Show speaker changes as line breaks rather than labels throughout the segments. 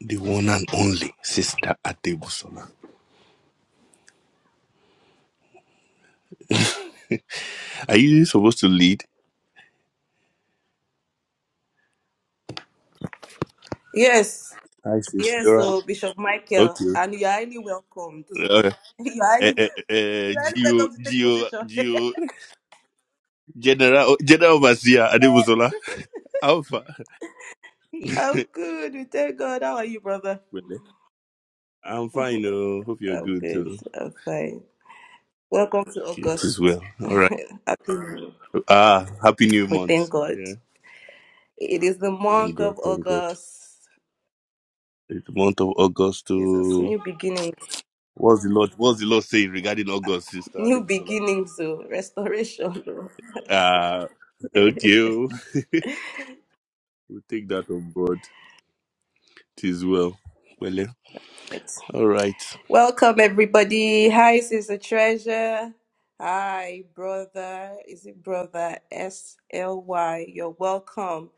the one and only sister Adebusola. Are you supposed to lead?
Yes,
Hi, sis.
yes,
You're right.
so Bishop Michael,
Okay.
and you're highly welcomed.
Uh,
You're
uh,
highly,
uh, uh,
you're highly
Geo,
welcome to take
Geo,
position.
Geo, General, General Overseer Adebusola. Alpha.
I'm
really?
good. We thank God. How are you, brother?
I'm fine. Oh, hope you're
I'm
good
good.
too.
I'm fine. Welcome to
Okay, it is
August.
well. All right.
Happy New Year.
Ah, happy new
We thank
month.
God.
Yeah.
It is the
Thank
month
God.
of
Thank God.
August.
It's the month of August.
Jesus,
To
new beginnings,
what's the Lord? What's the Lord saying regarding August, sister
new
Adebusola?
beginnings, oh, restoration.
Ah,
oh.
okay. We take that on board. It is well. Well, all right.
Welcome, everybody. Hi, Sister Treasure. Hi, brother. Is it brother S L Y? You're welcome.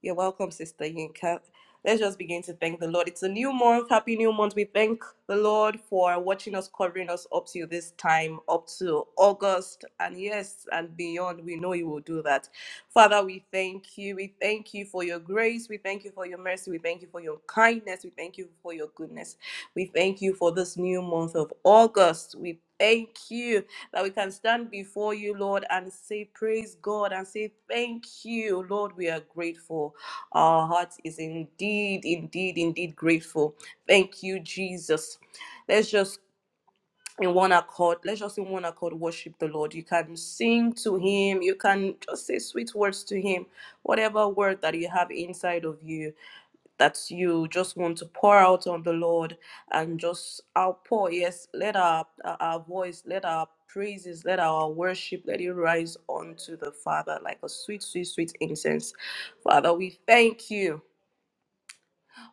You're welcome, Sister Yinka. Let's just begin to thank the Lord. It's a new month. Happy new month. We thank the Lord for watching us, covering us up to this time, up to August, and yes, and beyond. We know you will do that. Father, we thank you. We thank you for your grace. We thank you for your mercy. We thank you for your kindness. We thank you for your goodness. We thank you for this new month of August. We thank you that we can stand before you, Lord, and say, Praise God, and say, Thank you, Lord. We are grateful. Our heart is indeed, indeed, indeed grateful. Thank you, Jesus. Let's just in one accord, let's just in one accord worship the Lord. You can sing to Him, you can just say sweet words to Him, whatever word that you have inside of you that you just want to pour out on the Lord and just outpour. Yes, let our, our voice, let our praises, let our worship, let it rise unto the Father like a sweet, sweet, sweet incense. Father, we thank you.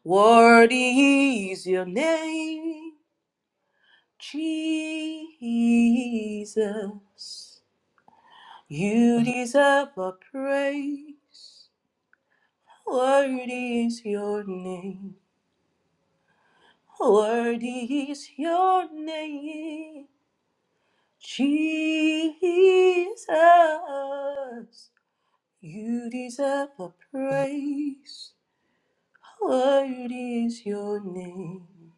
Worthy is your name, Jesus. You deserve a praise. Worthy is your name. Worthy is your name, Jesus. You deserve the praise. Worthy is your name.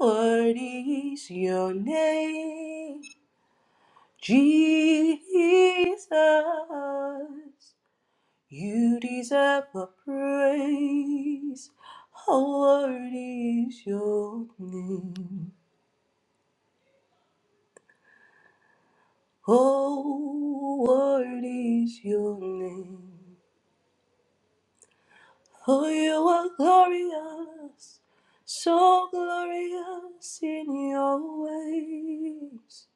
Worthy is your name, Jesus. You deserve the praise. Worthy is your name. Oh, what is your name? Oh, you are glorious, so glorious in your ways.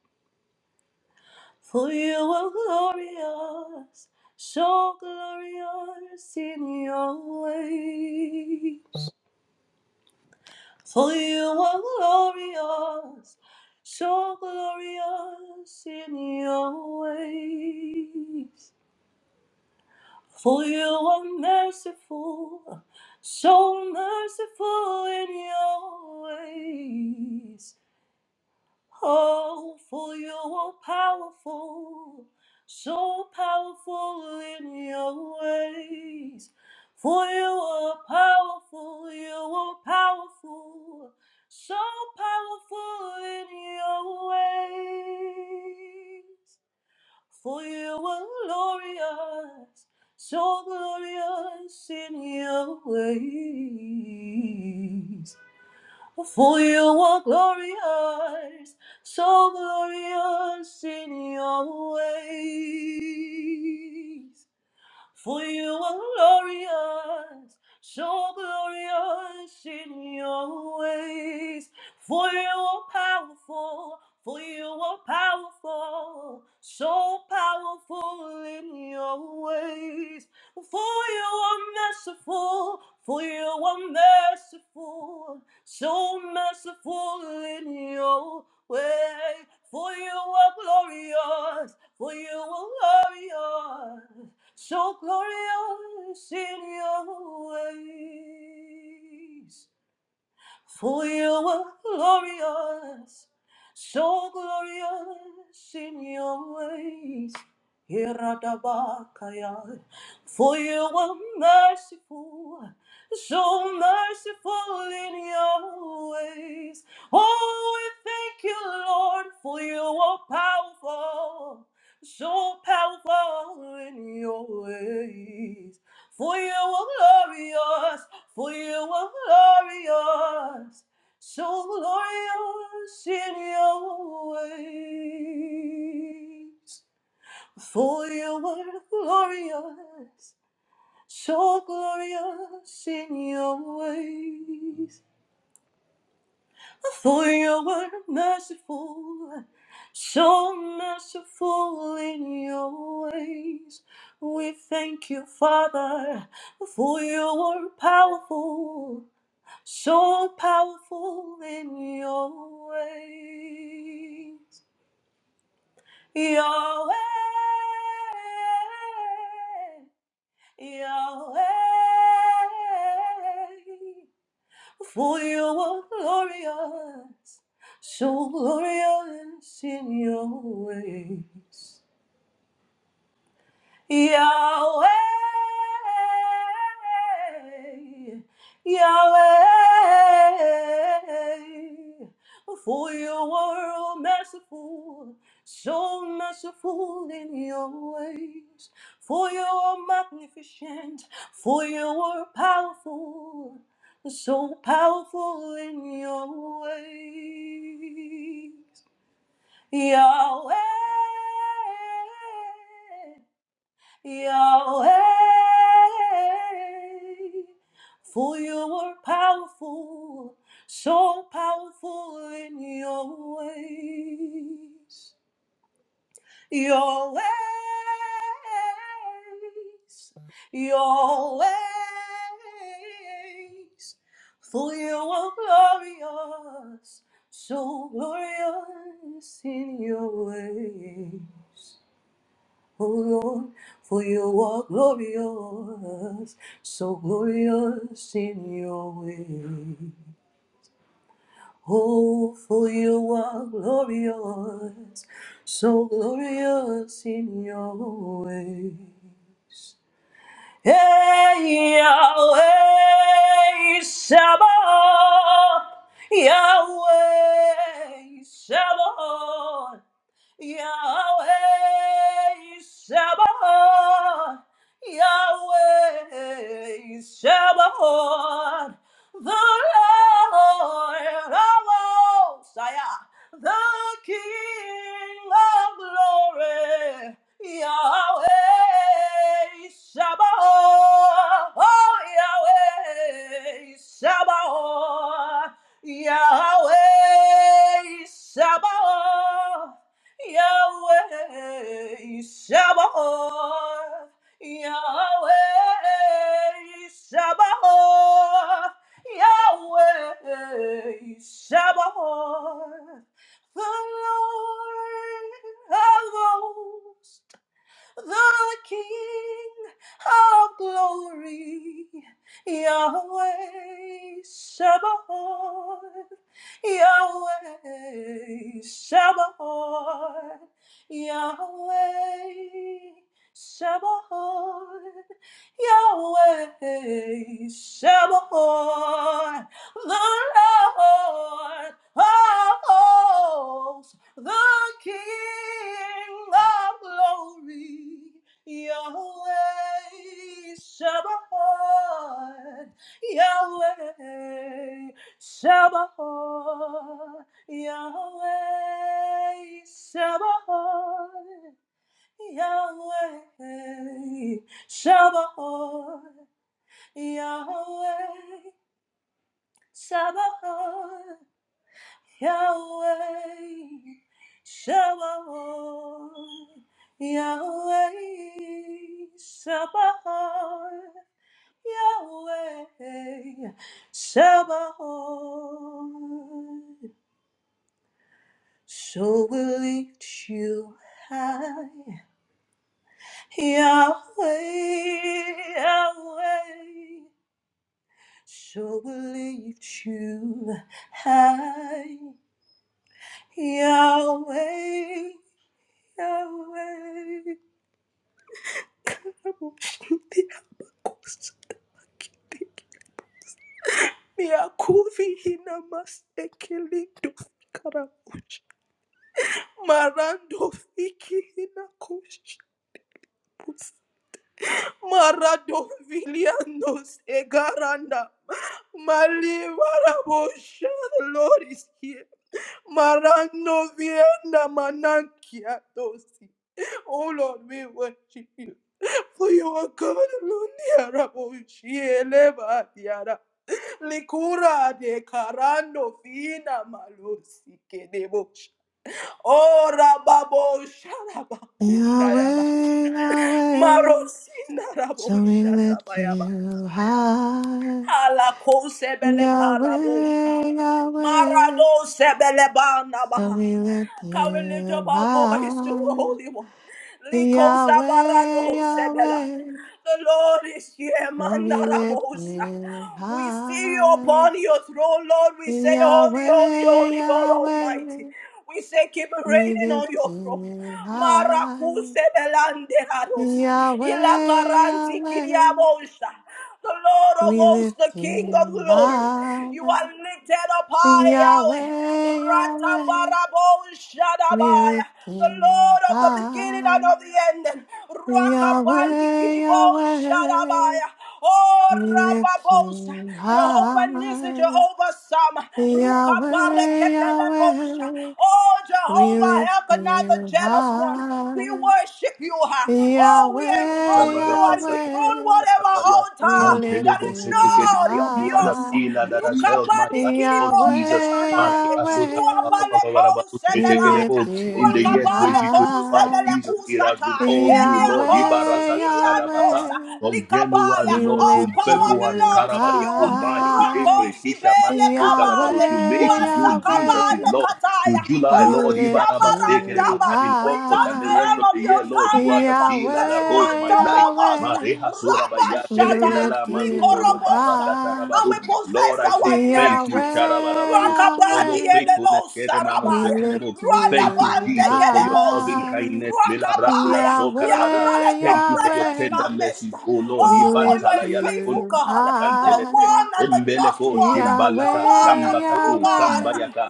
For you are glorious, so glorious in your ways. For you are glorious, so glorious in your ways. For you are merciful, so merciful in your ways. Oh, for you are powerful, so powerful in your ways. For you are powerful, you are powerful, so powerful in your ways. For you are glorious, so glorious in your ways. For you are glorious, so glorious in your ways. For you are glorious, so glorious in your ways. For you are powerful, for you are powerful, so powerful in your ways. For you are merciful, for you are merciful, so merciful in your way. For you are glorious, for you are glorious so glorious in your ways. For you are glorious, so glorious in your ways. Iradabakaya. For you are merciful, so merciful in your ways. Oh, we thank you, Lord, for you are powerful, so powerful in your ways. For you are glorious. For you are glorious, so glorious in your ways. For you are glorious, so glorious in your ways. For you are merciful, so merciful in your ways. We thank you, Father, for you are powerful. so powerful in your ways. Your way, your way, for you are glorious, so glorious in your ways. Yahweh, Yahweh, for you are all merciful, so merciful in your ways. For you are magnificent, for you are powerful, so powerful in your ways. Yahweh. Yahweh, for you were powerful, so powerful in your ways. Your ways, your ways, for you are glorious, so glorious in your ways. O Lord, for you are glorious, so glorious in your way. Oh, for you are glorious, so glorious in your ways. Hey, Yahweh, Shabbat, Yahweh, Shabbat. Yahweh Sabaoth, Yahweh Sabaoth, the Lord of hosts, Ayah, the King of glory, Yahweh Sabaoth, oh Yahweh Sabaoth, Yahweh Sabaoth. Yahweh Shabbat. Yahweh Shabbat. Yahweh Shabbat. The Lord of hosts the King of glory, Yahweh Sabaoth, Yahweh Sabaoth, Yahweh Sabaoth, Yahweh Sabaoth, the Lord of the King of glory, Yahweh Shabbat, Yahweh Shabbat, Yahweh Shabbat, Yahweh Shabbat, Yahweh Shabbat. Yahweh, Shabbat, Yahweh, Shabbat, Yahweh, Shabbat. So we lift you high, Yahweh, Yahweh. So we lift you high, Yahweh. Yahweh, abushinde abakosi kitiki. Miyakuvi hina masekeli dufkarabush. Marando fiki hina kushibus. Marado vilianos egaranda. Malivarabosha, the Lord is here. Marano vienda manankia dosi. Oh Lord, we worship you. For you are God alone, Yara Bushiele Batiara. Likura de Carando Fina Malusi Kedebosh. Oh Rababo Sharabakunda Yaba.
Yahweh, Yahweh,
Marosina Rabo
so we lift
Shatabayaba.
you high.
Alako Sebele Karabosh.
Yahweh, Yahweh,
Marado Sebele
so
Banabaha.
we lift
Can we lift up
you
our voice to the
high.
Holy One? Liko
Yahweh,
Zabarado Sebela.
Yahweh,
the Lord is here.
so we lift
Mandarabosa.
you
We see you
high.
upon your throne, Lord. We say, Holy, holy,
Yahweh,
holy God Almighty.
Yahweh,
We say, keep
we
reigning on
lift
your throne.
you high.
Maracuse belanderados.
Yahweh,
Ilakaranti
Yahweh.
kiriabosa. The Lord of
We
hosts, the
lift
King of
Him
glory.
high,
You are lifted up high, Yahweh.
Yahweh, Yahweh.
Ratabarabo
We
Shadabaya,
lift
the
Him
Lord of the beginning
high,
and of the ending. Rakabandi
Yahweh,
Kiribo
Yahweh.
Shadabaya. Oh
We lift
Rababosa,
Him
Jehovah Nissi,
high,
Jehovah Sama, Rukabare
Yahweh,
Kepelebosha.
Yahweh.
Oh
We
Jehovah,
lift
help not the
Him
jealous one. We
high,
worship you. huh? Oh, we
Yahweh,
enthrone you and dethrone
Yahweh.
whatever altar
We
Man,
that
lift
is
Him
not
setekelibo.
of
You are the
yours.
high.
healer that has held my
Rukabadi
life, Lord
Kiribonte
Jesus.
Yahweh,
manande,
Maria
Yahweh,
ruabale
sotarababababarabaru
We
konsebelata,
lift
setekelebo. In the
you
year
ruakabale
2025,
high,
konsebele
Jesus, it has
kusata,
been all you,
elia
Lord. Ibara
Yahweh,
satakadabasa.
konsikiriantosa,
Yahweh.
From
likabaya.
January,
We
Lord, to
All
lift
power
February,
you
belongs to
Karabaru
you.
to March to
high,
April, Kisha Man,
Rakosibele
so
kabade,
Karabaru to May
Yahweh,
to June, Jesus is
wasakabale
Yahweh.
Lord. to
kataya.
July,
We
Oh
Lord,
lift you
Ibarabasekerebo,
shabarandaba,
and in
we
August
touch
and the
the
rest
hem
high,
of
of
the year,
your
Lord, you are the
garment uh,
pillar
this
that holds
Yahweh,
month
my
of
life.
August.
Yahweh.
Mareha sorabaya
We
tele
Rabashata,
lift
ilala manuto
you
de baraka
likorobosa
high,
and we
tarabaru.
possess
Lord, I
our
say thank you,
inheritance.
Yahweh,
Sharabarabarus, for
Rakabadi
your
Yahweh.
faithfulness.
elebo
Keremano
We
sarabaya.
seterebo.
lift
Thank you,
you
Radabande
Jesus, for your loving
kedebosi.
high.
kindness. Milara ila
Rakabaya.
so
We
karabara.
Yahweh,
acknowledge your
Thank you for your
presence in
Yahweh,
tender
our midst.
mercies, O Lord.
we
Oh, for you
lift
Ibantala
are a
yala
faithful
you
kunda.
God, the
Tantelete,
high.
one and the just
Embeleko,
one, the
Shimbalaka,
one
Yahweh,
and true
Lambakaku,
God.
Yahweh,
Sambayaka,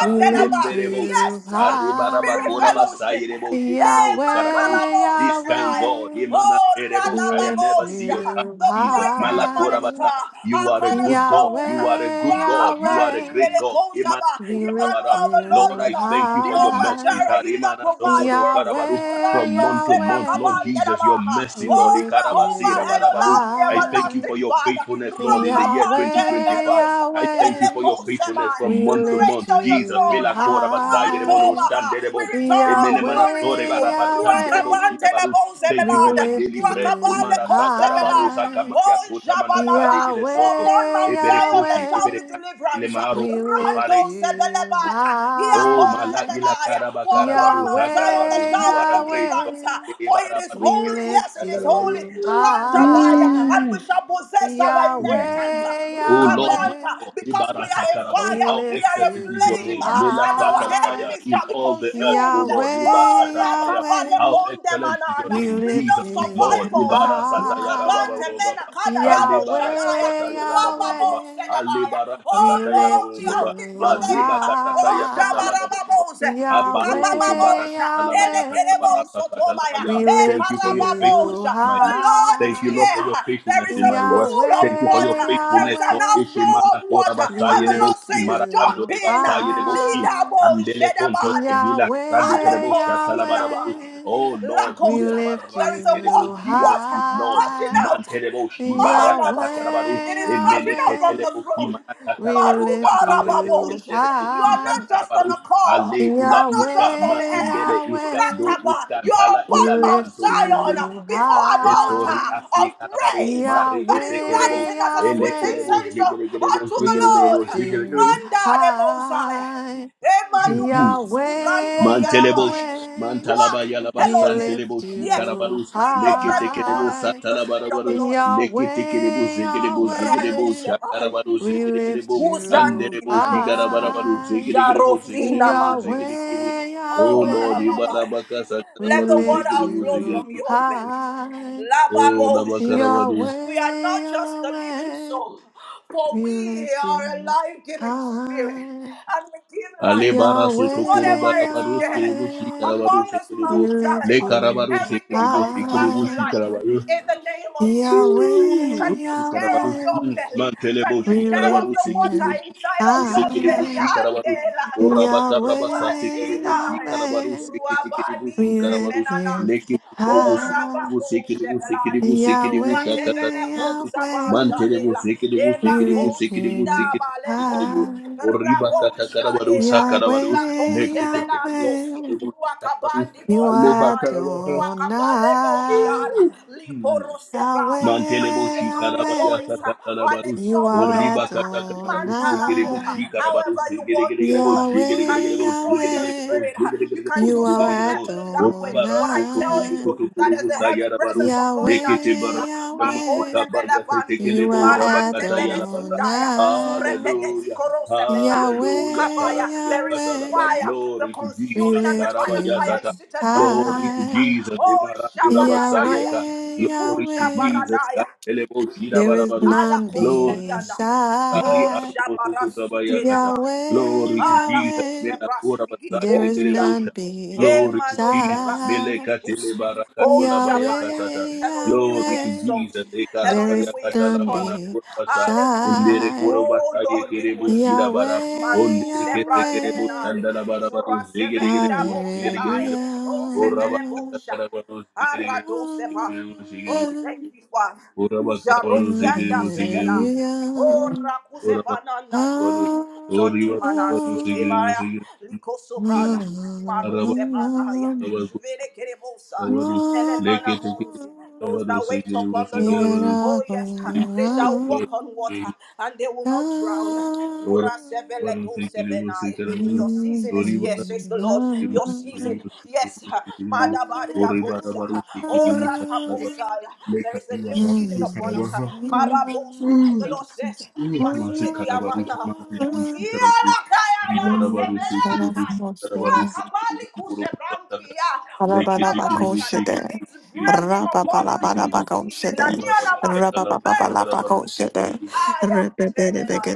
we lift
Lemberebosh,
you
Yes.
Arribaraba,
Spirit
high.
Koraba,
fellowship.
Sairebo,
Eh,
Shikarebo, Karabarush.
Yahweh,
This kind
makarabosebelaya.
God,
Yahweh,
Imana,
Oh,
Erebosh,
we
I
lift
never see
Radababoja,
your time,
you
the
Jesus.
bright and the morning
high.
Malakorabasa,
star,
you
our
are a good God,
cornerstone,
you are a
Yahweh,
good God, you are a
Rakabandi
Yahweh,
great God. Imana,
Belekozaba,
we lift
Karabara.
Emmanuel, the Lord
Lord,
you
with
I
us,
thank you for your
Jehovah
high.
mercies.
Jireh, he that
Arimana,
provides
Sokodo,
for us,
Karabaru.
Yahweh,
From
Ranto
month to
Sebra
month, Lord
Yahweh.
Jesus, your
Kabandenamaha,
mercy,
We
Lord.
oh
lift
Ikarabasi,
Jehovah,
you
Rabarabaru.
Hedolam, the
I
high,
thank you for
everlasting
your
Father,
faithfulness, Lord, in the year
Yahweh,
2025.
Rakabandembedos,
I thank you for
Yahweh.
your faithfulness from
We
could
month
be
to
lift
reigning
month.
on your
Jesus,
you
throne.
Mila Basaya Rebo No
high,
Mantobaha.
Shande
We
Rebo.
return all the
Emene
glory to
Yahweh,
you.
Yahweh.
Ruakabante la
Thank you
We
for my
bozebelada.
lift
daily bread.
Ruakabale
you
Umara Saka Rabaru
kozebelasha.
high,
Oh
Kota Manatali Ile
Jabalaba. For
Soko.
upon
Yahweh,
Mount
Ebere
Zion there
Koshi,
shall be
Yahweh.
deliverance.
We
Rando
Supare,
lift you
sebelebata.
Oh,
high,
Malagila
Iakosebelaya.
Karaba
For upon
Karabarus,
Mount Zion there
Akarabarus,
Yahweh,
shall
you are
be
a great God.
deliverance.
Yahweh.
For it is
Kerebarabarus,
We
holy.
Kerebo,
lift
Yes, it is holy.
Akarabarus.
you
Rukabandabaya,
high.
and we shall possess our inheritance.
Yahweh,
Oh Lord, my
Yahweh,
Rukabanta,
God,
because we are a
Ibarasakarabaru,
we
fire,
how
we
lift
are a
excellent is your
you
flame,
name. Mela
and our
high.
katalabaya,
enemies
In
shall be
all the earth, oh
consumed.
Lord,
Oh,
Yahweh,
Ibasatalabaya,
Ratabale
Yahweh,
how excellent is your
Kondemanana,
we
name.
with no
lift
Jesus is Lord.
you
survivals.
high.
Rukabante
Ibarasatayarababababa,
Menakada Yabo Shadaya,
Yahweh,
Alibarakasatayarababababa,
Ruababo
Yahweh,
Sedabaya.
we
Oh, Lord,
lift
we are
Alibarakasatayababababa,
with your
you
name. Oh,
high.
Aribakatasayakatalababababa,
Jabarababos,
Yahweh,
Rukabababos, Elekerebo
Yahweh,
sotobaya.
Abarosotobarakatalabayakatabalakakatalabaya.
we
Thank you
lift
for your faithfulness,
you
Ekarababosha.
my
The
life.
Lord is
Thank you,
high.
Lord, for
here.
your
There
faithfulness
is
in
a
my work.
pool of
Thank you for your
Yahweh,
water. There
faithfulness,
is an
Lord.
Yahweh.
outflow of
Ishimana kora
water.
We
And
basaye
the
de
Lord
lift
boshi,
says,
marakanto
jump
you
de
in.
basaye de boshi.
high,
Lidabo
Ambele konto
jedabadi.
sobila, rande kere
Yahweh,
boshi, atala bara
Alekosinamai.
Yahweh.
Oh Lord,
We
you
Lakos.
are our
lift
There is a
rasike de bo.
wa-
you
Jesus
water
is Lord.
gushing
high,
out.
Mante de boshi,
Malama.
barakata karabaru.
Yahweh,
It is gushing
Emene
out
kete
from
de
Yahweh.
the
boshi,
throne.
manaka
We
karabaru.
lift
Maruba
Skampari
you
Babosh.
eskende de
You
boshi,
are
high,
not just on
kantarabaru.
a call.
Ale
You
ula
are not
iska,
just on
ma
a
Yahweh,
hair.
indele iska,
Yahweh.
do
Rataba.
iska,
You are
ntala
upon
We
ila
Mount
lift
lanto,
Zion
you
igente
before an
Esori
altar
high,
of
asi karabarus
praise
mari
that is
ese
Yahweh,
kerebo
rising as a
ele
sweet
kerebo
Yahweh.
incense
jigere kerebo
unto the
We
jigere kerebo
Lord.
lift
jigere
you
kerebo
Manda de Mosai.
high.
Emanukuruski brando
Yahweh,
mantelebo
felabate.
Yahweh,
Walk,
mantalaba yalaba
we
Elohim.
lift
santelebo shi
Yes,
you
karabarus
breathe your
lekete
breath
kerebo
upon us.
high.
The Spirit of the
satalabarabarus
Lord is here.
lekete kerebo
Yahweh,
zegerebo
Rado
zegerebo
Yahweh,
Sebai.
shakarabarus
we
zegere
lift
kerebo
you
Muzandina
anderebo
nosa.
jigarabarabarus
high.
zegere kerebo zegere
Jarofina
kerebo
manos.
zegere kerebo
Yahweh,
Oh
Oh,
Lord,
Yahweh,
Rababaya.
Ibarabaka
we
Let the
Sakarabaru
water
lift
Zigiribu
outflow
you
from
Zigiribu.
your belly.
high.
Oh
Lababosha.
Labakarabaru
We are
Yahweh,
not just a living
Yahweh,
soul, for
we
we
lift
are a
you
life giving spirit,
high.
and we give life
Alebara
to
sotokoro
whatever
Yahweh,
is
barabaru
dead.
sikiribu
Yahweh.
Upon
sikarabaru
this
sikiribu
We
Mount
lift
le
Zion,
you
karabaru
everything
sikiribu
comes back to
high,
life
sikiribu
in the name of Jesus.
Yahweh,
Can you stir up
Karabarus.
Yahweh.
your
Mm.
belly?
Mantelebo
Can you
We
shi
stir
lift
up
karabarus
the water
sekelebo
you
shi
inside of
karabarus
your
sekelebo
belly?
high,
shi karabarus.
Delanda.
Oraba karabasa
Yahweh,
tekelebo shi
Duasigaya.
karabarus
Yahweh.
sekelebo shi
Ruabadi
We
de
lift you
menanas.
Leke tekelebo
O
high,
sekelebo
rababo
sekelebo
shebeladi.
sekelebo sekelebo shakata
Zuratevele
Yahweh,
karabarus.
kosa
Yahweh.
Mantelebo
bashadela.
sekelebo
We
Ela
sekelebo
lift
sekelebo
you
kosida
sekelebo
bale
sekelebo.
kosi.
high,
Oriba
Rabo
kata karabarus
shadeka.
karabarus.
Ila
Yahweh,
kose
Leke tekelebo
Yahweh.
sekelebo karabarus.
Ruakabandi
You
Aleba
are
bozabade.
karabarus.
Ruakabale
Adonai,
bozala. Liporo sebraha. Can you
Mantelebo
Yahweh,
lift up your
shikarabaya
Yahweh.
voice uh, and
sakatalabaru.
You
exalt the
are
Oriba
Lord?
katakarabaru sekerebo
Mandaraboha.
Adonai,
shikarabaru
However you want to,
sekeregerebo
uh, you can
Yahweh,
do
jegeregerebo
so in the
jegeregerebo
Yahweh.
spirit. uh, You
jegeregerebo
can do
You are
so in
jegeregerebo.
heavenly language.
Oriba
But I
rasu kutu
tell you
Adonai,
sukutu
that
kurubu
there's a heavy
sayarabaru.
presence of God in our
Lekete
Yahweh,
midst. uh,
bara kamano
Makore
Yahweh.
kabaya
belabandi,
You
setekelebo
are
marante
rabakata yalabata.
belesudaya,
Adonai,
zurepete
Hallelujah.
tikorosepeta,
Hallelujah.
Yahweh,
nukabaya.
Karabaya
There is
katalaba.
Yahweh.
fire, the
Glory to
We
consuming
Jesus.
and
lift
refiner's fire
you
Karabaya
is seated right in our
Glory to
midst. uh,
high,
Jesus.
Oh,
Emarakura
Shabaradaya.
basayeka.
Yahweh,
Glory to
Yahweh.
Jesus.
Kujabaradaya.
Kantelebo
There is
shirabarabarus.
Ala
none
Glory to
koseriana.
Jesus. Ari
O
beside
arubo
jabarasute
sukutabayakata.
namaya.
Yahweh,
Glory to
Ala
Jesus.
kose
Yahweh.
brasi
Melakura
vigiri
There
basayele
is
bondia.
none
kerebosha. Glory to
Emano se
Jesus.
brasi
beside
vigiri
Melekatele
busi. oh
barakatola
jabaya.
Yahweh,
bayakasata.
Elohim, we
Glory to
Yahweh.
exalt
Jesus.
you.
There
Elohim,
is
we
Ekarabayakata
none
extol
lamana
you.
kurabasa.
Hallelujah.
Embere
beside
Oh
kurabasaye
Lord, we worship
kerebushira
you.
bara.
Yahweh,
Mandu
Ondere
se
kese
brante
Yahweh.
menale.
kerebushandala
Jura
barabarus.
se
Zegere
vekira bo se baya. O se
Ora
bele
Hallelujah.
bosha.
bara baru sikiri
Aradoseba.
musa
Oh, thank
Hallelujah.
you, Father.
karabar,
Jarokianda sebela. Oh, rakuzebana nandu. Zondimana sotevaya. Likoso brada. Marose bradaya. Juvere kerebosa. Nelemana monzi.
Hallelujah.
Those that wait upon the
We
Lord.
gotta
Oh,
go
yes. They shall
round,
walk on water and they will not drown.
round,
Ura sevele do Sebena. Your
in
season is here, says the
and
Lord.
round,
Your
round,
season, yes. Madabaria bosa. Orata bosa. There is
lekari
a new
bara
season
tu
upon us.
karabar ha.
Marabosa. The Lord says,
Masi
Masuveki
karabaru
amana.
mantele bushi karabaru
Usiala kayawa
ribara baru sekere
sebelantai.
karabaru
round.
sekere
Ruakabali
bushi koro busata
kusebrantia.
leke tekere
Ruabashada.
bushi kere
Arabarabakoshere.
It is
bushi kere
breathing upon
bushi
this
kere
new
bushi
season.
Rababalabalabakoshere.
Anianama to
kala
birth.
karabaru
Rabababalabakoshere.
sekere bushi
I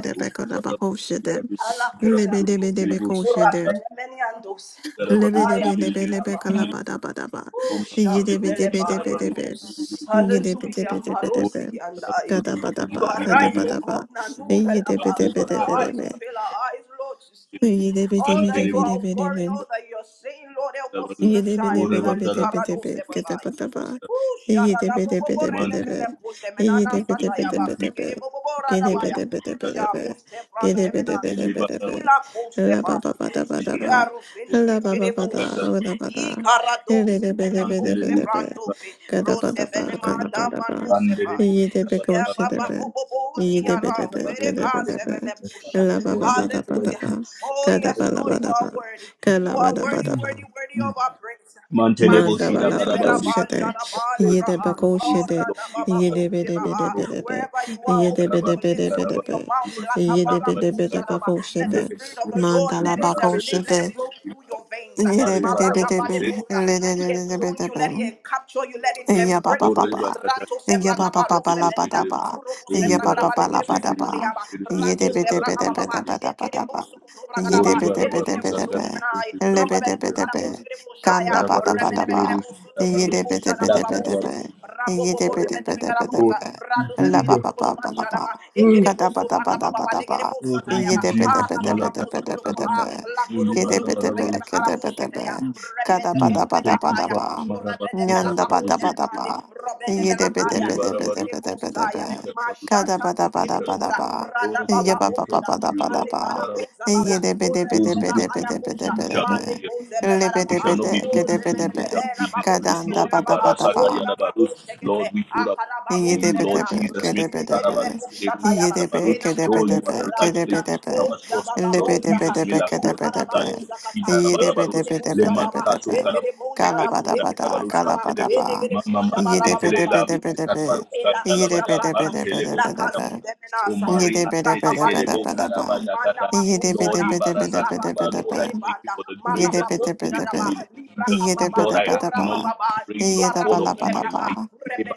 am Alakusa.
karabaru sekere bushi
Lebedebedebekoshere.
Surapelemenyandos.
karabaru sekere kere bushi
Ayakuzabaya.
Lebedebedebedebekadabadabadaba.
Oh, Sharvelebaya
karabaru
Yedebedebedebedebe.
karabaru sekere bushi kere kere
dos. Hallelujah,
Yedebedebedebedebe.
Marosi and I. You
Kadabadaba,
are right, oh
kadabadaba.
God. Nanuvelaba. Open our eyes,
Yedebedebedebedebe.
unveil our eyes, Lord, to see all that you
Mantelebo
are
Yedebedebedebedebe.
pouring, all that you are saying, Lord, help us see
Shikarabadus,
de
the
de be be
signs.
be
Ali
be be
Orebakarab,
Karado
be be
Ooh,
Yede
sharada
bede
bobo
bede
bore de
bede be
bele kunde menana sataya
Mantelebo
basikere bobo rada
Gede
baya.
Shikarabadus,
bede bede bede
Kata,
be.
Jaro
Gede
sebrante
bede bede
menasi.
bede
Elebaraba,
be
Kila kose
La ba
bay.
ba ba da ba da ba.
Jaro feni
Shikarabadus,
La ba ba
mekere
ba da
Kata,
bus.
ro da ba da
Ikara
Yede
dose
de bede
bele
bede
kose
Mantelebo
bede be.
brando brandofe.
Kada ba
Rose
da. ba
vene
Shikarabadus,
kada
manda
ba da ba.
mano se bay.
Mantelebo
Yede be ko
Jia
se de
baba
be.
bobo bozi
Yede bede
yara
be
ubere
kede bede
kase
be.
bele busha.
La ba ba ba da ba da
Hallelujah.
ba.
Oh
Kada
yes,
ba la
Lord,
ba
you
da ba.
are worthy. You
Kala ba
are
da ba
worthy,
da La La La la Kala Yedebe
worthy, worthy of our praise.
Mantelebo
Manda
Shira
Manzure de
balabado
Barabasi,
Belaba,
shede,
Janaba,
word
yede
of
Lebraha,
my
bako
praises,
shede,
Ora da Baba
yede bede bede
Baha.
Lord.
bede be,
Wherever you are,
yede
open
Karaba,
bede
your
bede
lips,
bede
open
Karaba,
be,
your mouths,
Iba,
yede
Lakabara
Karaba,
bede bede
Kata,
Bosadaba.
bako
Let the
shede,
Nere,
Spirit of the
Kus,
Lord
manda la
let it
Rupana,
bako
serenade,
Sete,
let it
shede,
flow through your veins.
yede
Ari,
bede
Baraba,
Marada
bede be,
Bale
Kuse,
Bosa. Let it
lede bede
enthrone
bede
you, let
be.
it capture you, let it
Eya ba ba
embrace
ba
Ore,
you.
ba.
Bakata,
Rato
Eya ba
Sebraga
Kuse,
ba ba ba la ba
Kuse,
Sebena,
da
Kuse,
ba.
Zurubu
Ori,
Eya ba
Sembraga
ba
Baraba,
ba la
Balegre
ba
Kuse,
da
Kiribu,
ba.
Bosundoriaba,
Kiribu,
Ye de
Rato
Kira,
be de be
Baraba,
Sebraga
de be
Kuse,
de
Baba,
be de ba
Ekere
da ba.
Bosu
Ye de
Ori,
be de be
Baraba,
de be
Rusa,
de be.
Kata, Kuse,
Elegedebusundemenai,
Le be de be de be.
Kiribu,
Ganda ba
Rokobedemakaraboserebosaya,
Karaba,
da ba
Kuse,
da ba.
Kiribu, Karaba,
Ye
Kuse,
de be de be
La,
de be de
Karaba,
be.
Rebedebegerebosotobegereboshadabababosoto,
Kuse,
Ye de be
Karaba,
de be de be de
Ori,
Raboboborebedebegarabosa,
be. La ba ba
Kiribu,
ba ba la ba.
Radosebegedebosogodobashadaba,
Kada ba da ba da ba da ba.
Oh, thank
Ye
you,
Ekerebosobagabababalegerebosatayaba,
de be de
Jesus.
be de be de
Malaka
be de be de
tarabaru.
be.
Arabababosogodoboha,
Uli
Ke de be de be
barabaru.
ke de be de be.
Lakodobosogotobegedebekarabosheteya,
Kada ba
Mm.
da ba da
Thank
ba
you,
da
Rebeteketelekabaya,
Father.
ba.
Marabaru
Nyanda
tarabaru
bada bada
sekerebu.
Jorebedebelakabondenemande,
ba. Yede bede
Uli
Robedebelakaya,
bede bede
barabaru.
bede bede be.
Ekerebosaya,
Ikarabaru
Kada
Mashata,
sekerebu.
bada bada bada
Ekerebosa,
Ikarabaru.
boza,
ba.
rada
Oh,
Ye
Lord,
baba
ba
we
ba ba
trust
boza,
bada
you,
bada
Lord.
male
ba.
kara
Libarabaru.
boza bara,
Yede bede bede
Those
orebele
who
bede
put.
bahaya
bede bede
boza,
You
bede
shall not
male
be.
be
koze
Le
bregara
they
bede
shall
baha,
not
bede
be put
bede
to
oze
bede
shame.
bele
They
be.
shall not
behera
be
babu
Kada
disgraced.
anda
shekete
Lord,
la
bada
baha,
bada
Ibarasaka
ba.
ora babu
Yadabarus.
shekete,
Lord, we put our trust
akara babu
in you, Lord
sebela,
Jesus. Mila
repete gede
Karabarus,
bebu
Kelebu
shatayama, ena
Karabarus.
kara
Oh, you are
boze
the right place to
brahina,
put our
oja
trust,
baba
Lord
boza,
Jesus. Mila
Ela
Kura, Saya,
karababu zakata,
Ina
ele
Rabarabarus,
kerebu
Lema
saraba,
Kato
ele
Karabarus.
kerebu sharaba,
Ekerebo,
ele kerebu
Karabarus,
zaraba,
Kantelebo,
ele kerebu
Mama
shabaraba
Mantelebo,
baba.
Labi Karabarus, Kantalabaya,
Elakusabata,
Mantelebo,
Yidibidibidibidibidibidibidibidibidibidi.
O
ilakazindemenasa,
Mari Atete Kerebo
lipakabalebosoto,
Karaba Yakata. Lord
manamakosada,
Ibarasaka, Lord, I thank you
likarasokebelemanda,
for the grace
Yede
that you
bede
have given
bede
to
be.
marababosharaba,
me, Lord Jesus.
Yede
librakababa,
Lord,
bede
I
bede ba.
acknowledge
orabababa,
the grace of
Yede
God
bala
upon my
bala ba.
life.
ibarabosebraba,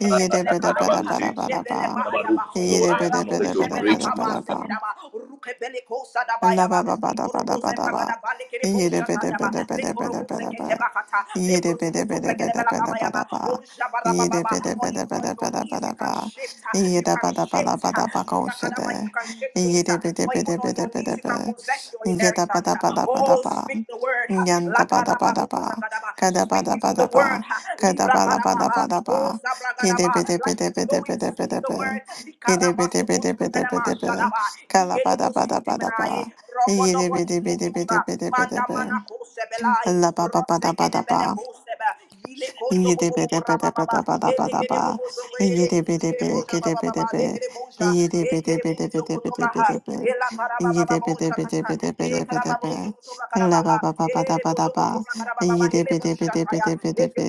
Yede bede bede
Karabaru
bede
Se
bede ba.
Karabaru.
jebelebayabaho,
Lord,
Yede
I
bede bede
acknowledge your
bede
grace,
bede bede
Lord.
ba.
araboshebelakabaseteraba, rukebelekosadaba
La ba
yaba,
ba ba da ba da ba da ba. Ye de be de be
likorobozebragadabalekeboshatayaba,
de be
le
de be de be
korobo
de be.
sekete bakata, le
Ye de be de be
prosokoto
de be
bregede
de
bela
be de ba
kabayaba,
da
o
ba. Ye de
jabarabababa.
be de
Or
be de
even
be
on
de be
your
de ba
knees, you
da ba.
can shift, ah,
Ye
you
da
can
ba da ba da
shift,
ba
ah,
da ba ko she
librakadaba, you
de.
can shift
Ye
things,
de
ah.
be de
or
be
even
de be
on
de
your
be de
knees, you
be.
can possess your
Ye da ba
inheritance.
da
ah.
ba da ba da
Oh,
ba.
speak the word, ah.
Yan da ba da ba da
Lakarababo
ba.
zakadaba.
Ka da ba
speak
da
you
ba
the
da
word,
ba.
ah.
Ka da ba la ba
librakadaba,
da ba
ah.
da
oh
ba. Ki de be
zabragadaba,
de be
like
de
you
be
know
de
it we
be de be
speak
de
the
be.
word.
Ki de be de
Likarabaso
be de be de be
kotundanama
de be.
shadaba.
Ka la ba
Igerebo
da ba da ba da ba.
sutemenae.
Yidi
Robodobo
bidi bidi bidi
igereboza.
bidi bidi
Manda mana
bidi.
kosebelai.
La ba ba ba da ba
Rosegede
da ba.
bede kosebe. ile kondo bobo bobo rabababa. Elegere
Yidibidibidibidibidibidaba.
bobo zogoere. Egereboja babababa.
Yidibidibidibidibidibi.
Lekereboja. Ekerebozo kotobaha.
Yidibidibidibidibidibidibi.
Ela parabababoja kata. e karaba bozo
Yidibidibidibidibidibidibi.
kotoba karabaha. Erebozo
Labababababadaba.
kotoba karababa.
Yidibidibidibidibidibi.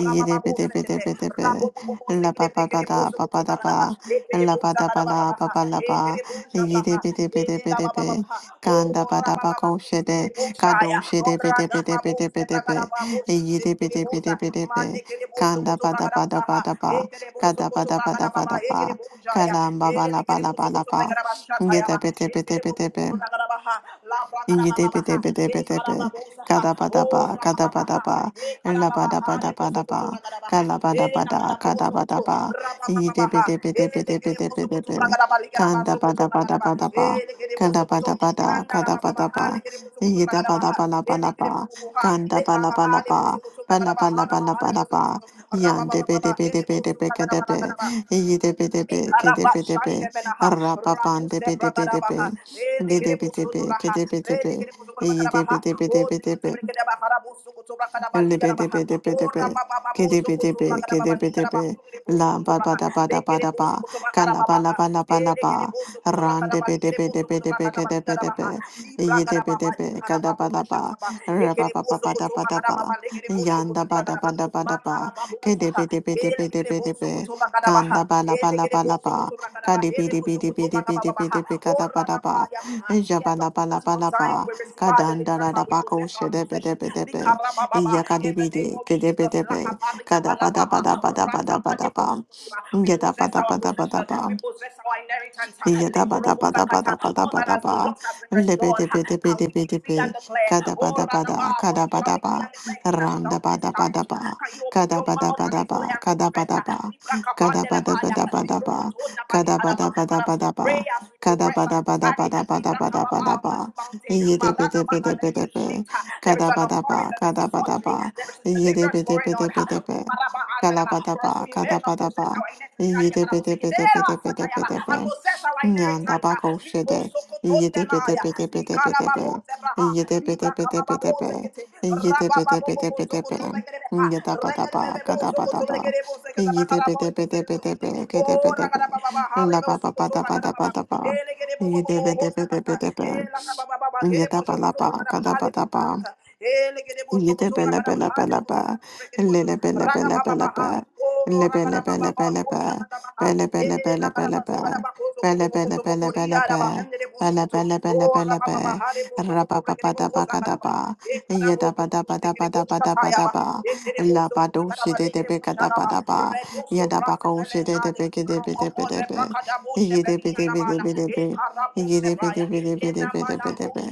Yidibidibidibidibi. Labababababadaba. Labadabalababalaba. Yidibidibidibidibi. Kandabadabakoshede. Kadoshedebidibidibidibidi. Yidibidibidibidibi. Kanda bada bada bada ba. Kada bada bada bada ba. Kalamba bala bala bala ba. Yidibidibidibidibi.
Ragadabaha, Labragadababaha,
Ingidibidibidibidibid.
Ekarababosaha, O
Kadabadaba,
Rababaha,
kadabadaba,
Ekarababaha, Nebozokutu
labadabadabadaba,
Ragadabaha,
kalabadabada,
Enakarabosokutu,
kadabadaba,
Rabababaha, Elekedebosokutu
ingidibidibidibidibidibid.
Ragadaba, Ligadabasokutu Ragadaba,
Kandabadabadabadaba,
Elekedebosokutu,
kadabadabada, kadabadaba,
Mandarababaha, Lekedebosokutu Ragadabaha,
ingidabadabalabalaba,
Elekedebobuha, Lekabaha,
kandabalabalaba,
Nebozokutu Ragadabaha, Rabaha,
balabalabalaba,
Nebozokutu, Rabababaha, Nebozokutu Ragadaba,
yandibidibidibidibidibid,
Ragadaba,
ingidibidibidibidibid,
Ekarabashantemenaha, rakuse bragadabaha,
rapapandibidibidibid.
elegerebo
Gedebedebe,
sotoraha,
kedebedebe,
elegerebo sokorbakadabaha, o
eyedebedebedebedebe,
zeketebekedabaharabu sokotobrakatabaligadaba, o
Libidibidibidibid.
rababababo
Kidibidibid,
zokotobrakatabaligadaba,
kidibidibid.
hungerebo
La ba ba
sokotobraha,
da ba da ba
Lekere
da
bozo
ba.
koto brakara
Kala ba la
babaha.
ba la ba la
Elekere
ba.
bozo koto
Ran
brakara balikere bozo koto
dibidibidibidibid,
brakara balikara baha.
kidibidibid.
Libra gara baba
Yidibidibid,
likara
kada
babo
ba da ba.
shataba.
Ra ba
Ekere
ba ba
bozo
ba da
koto
ba da
brakara baba
ba.
lekere bozo
Yanda
koto
ba da
brakara
ba
baba.
da ba da
Makara
ba.
babo usaha. Elekere bozo
Kidibidibidibidibidibid.
koto brakara baha.
Kanda ba la ba la
Elekere
ba la
bozo
ba.
koto brakara baha. Ele bozo koto brakara baba baha.
Kadibidibidibidibidibid, kada ba
Ora
da
da ba
ba.
ya baha. Yes, upon this Mount Zion
Jabalabalaba,
we receive our deliverance and we
Kadandarabaco,
possess our possession.
Shedebedebedebe,
Likara baba. In the name
Yakadibidi,
of of Jesus.
Kidibidebe,
Lakabaria
Kadabada
balabaha,
Bada Bada Bada Bada
rakabale
Bam,
prosokotura. We
Yada
possess
Bada
our
Bada Bada
possession.
Bam.
We possess our inheritance. Likorobosakata. All that has been
Yadabadabadabadabadabadaba.
lost has been restored. Can we
Lebedebedebedebedebe.
decree and declare? Oh,
Kadabadabada,
Radaba, for you shall decree
kadabadaba.
and declare again and it shall be established.
Randabadabadaba.
Can you open your mouth and
Kadabadabadaba,
declare and confess?
kadabadaba.
Libra kabandelebaya,
Kadabadabadabadaba.
librokotona balikaraba. That as we
Kadabadabadabadaba.
pray, as we progress, as we tarry, Libra kababa on
Kadabadabadabadabadabadaba.
this mountain, marada. There is a
Yedebedebedebedebe.
shift. uh, There is an
Kadabadaba,
outpouring. There is a
kadabadaba.
surgery. There is a deliverance going on. uh,
Yedebedebedebedebe.
For
Kalabadaba,
us to emerge and
kadabadaba.
possess our inheritance. And
Yedebedebedebedebedebe.
possess our
Nyanda
inheritance. uh,
bako shede, yede bede bede bede bede be, yede bede bede bede be, yede bede bede bede be, yada bada ba, gada bada ba, yede bede bede bede be, gede
oh,
bede be, la ba ba bada bada bada ba,
Oh,
yede bede bede bede be, yada bala ba, gada bada ba, Yede bele bele bele ba. Lele bele bele bele ba. Le bele bele bele ba. Bele bele bele bele ba. Bele bele bele bele ba. Bele bele bele bele ba. Raba ba ba da ba ka da ba. Yeda ba da ba
we
da ba da ba da ba da ba. La ba do shi de de be ka da ba da ba. Yeda ba ka o shi de de be ke de be de be de be. Yede be de be de be de be. Yede be de be de be de be de be de be.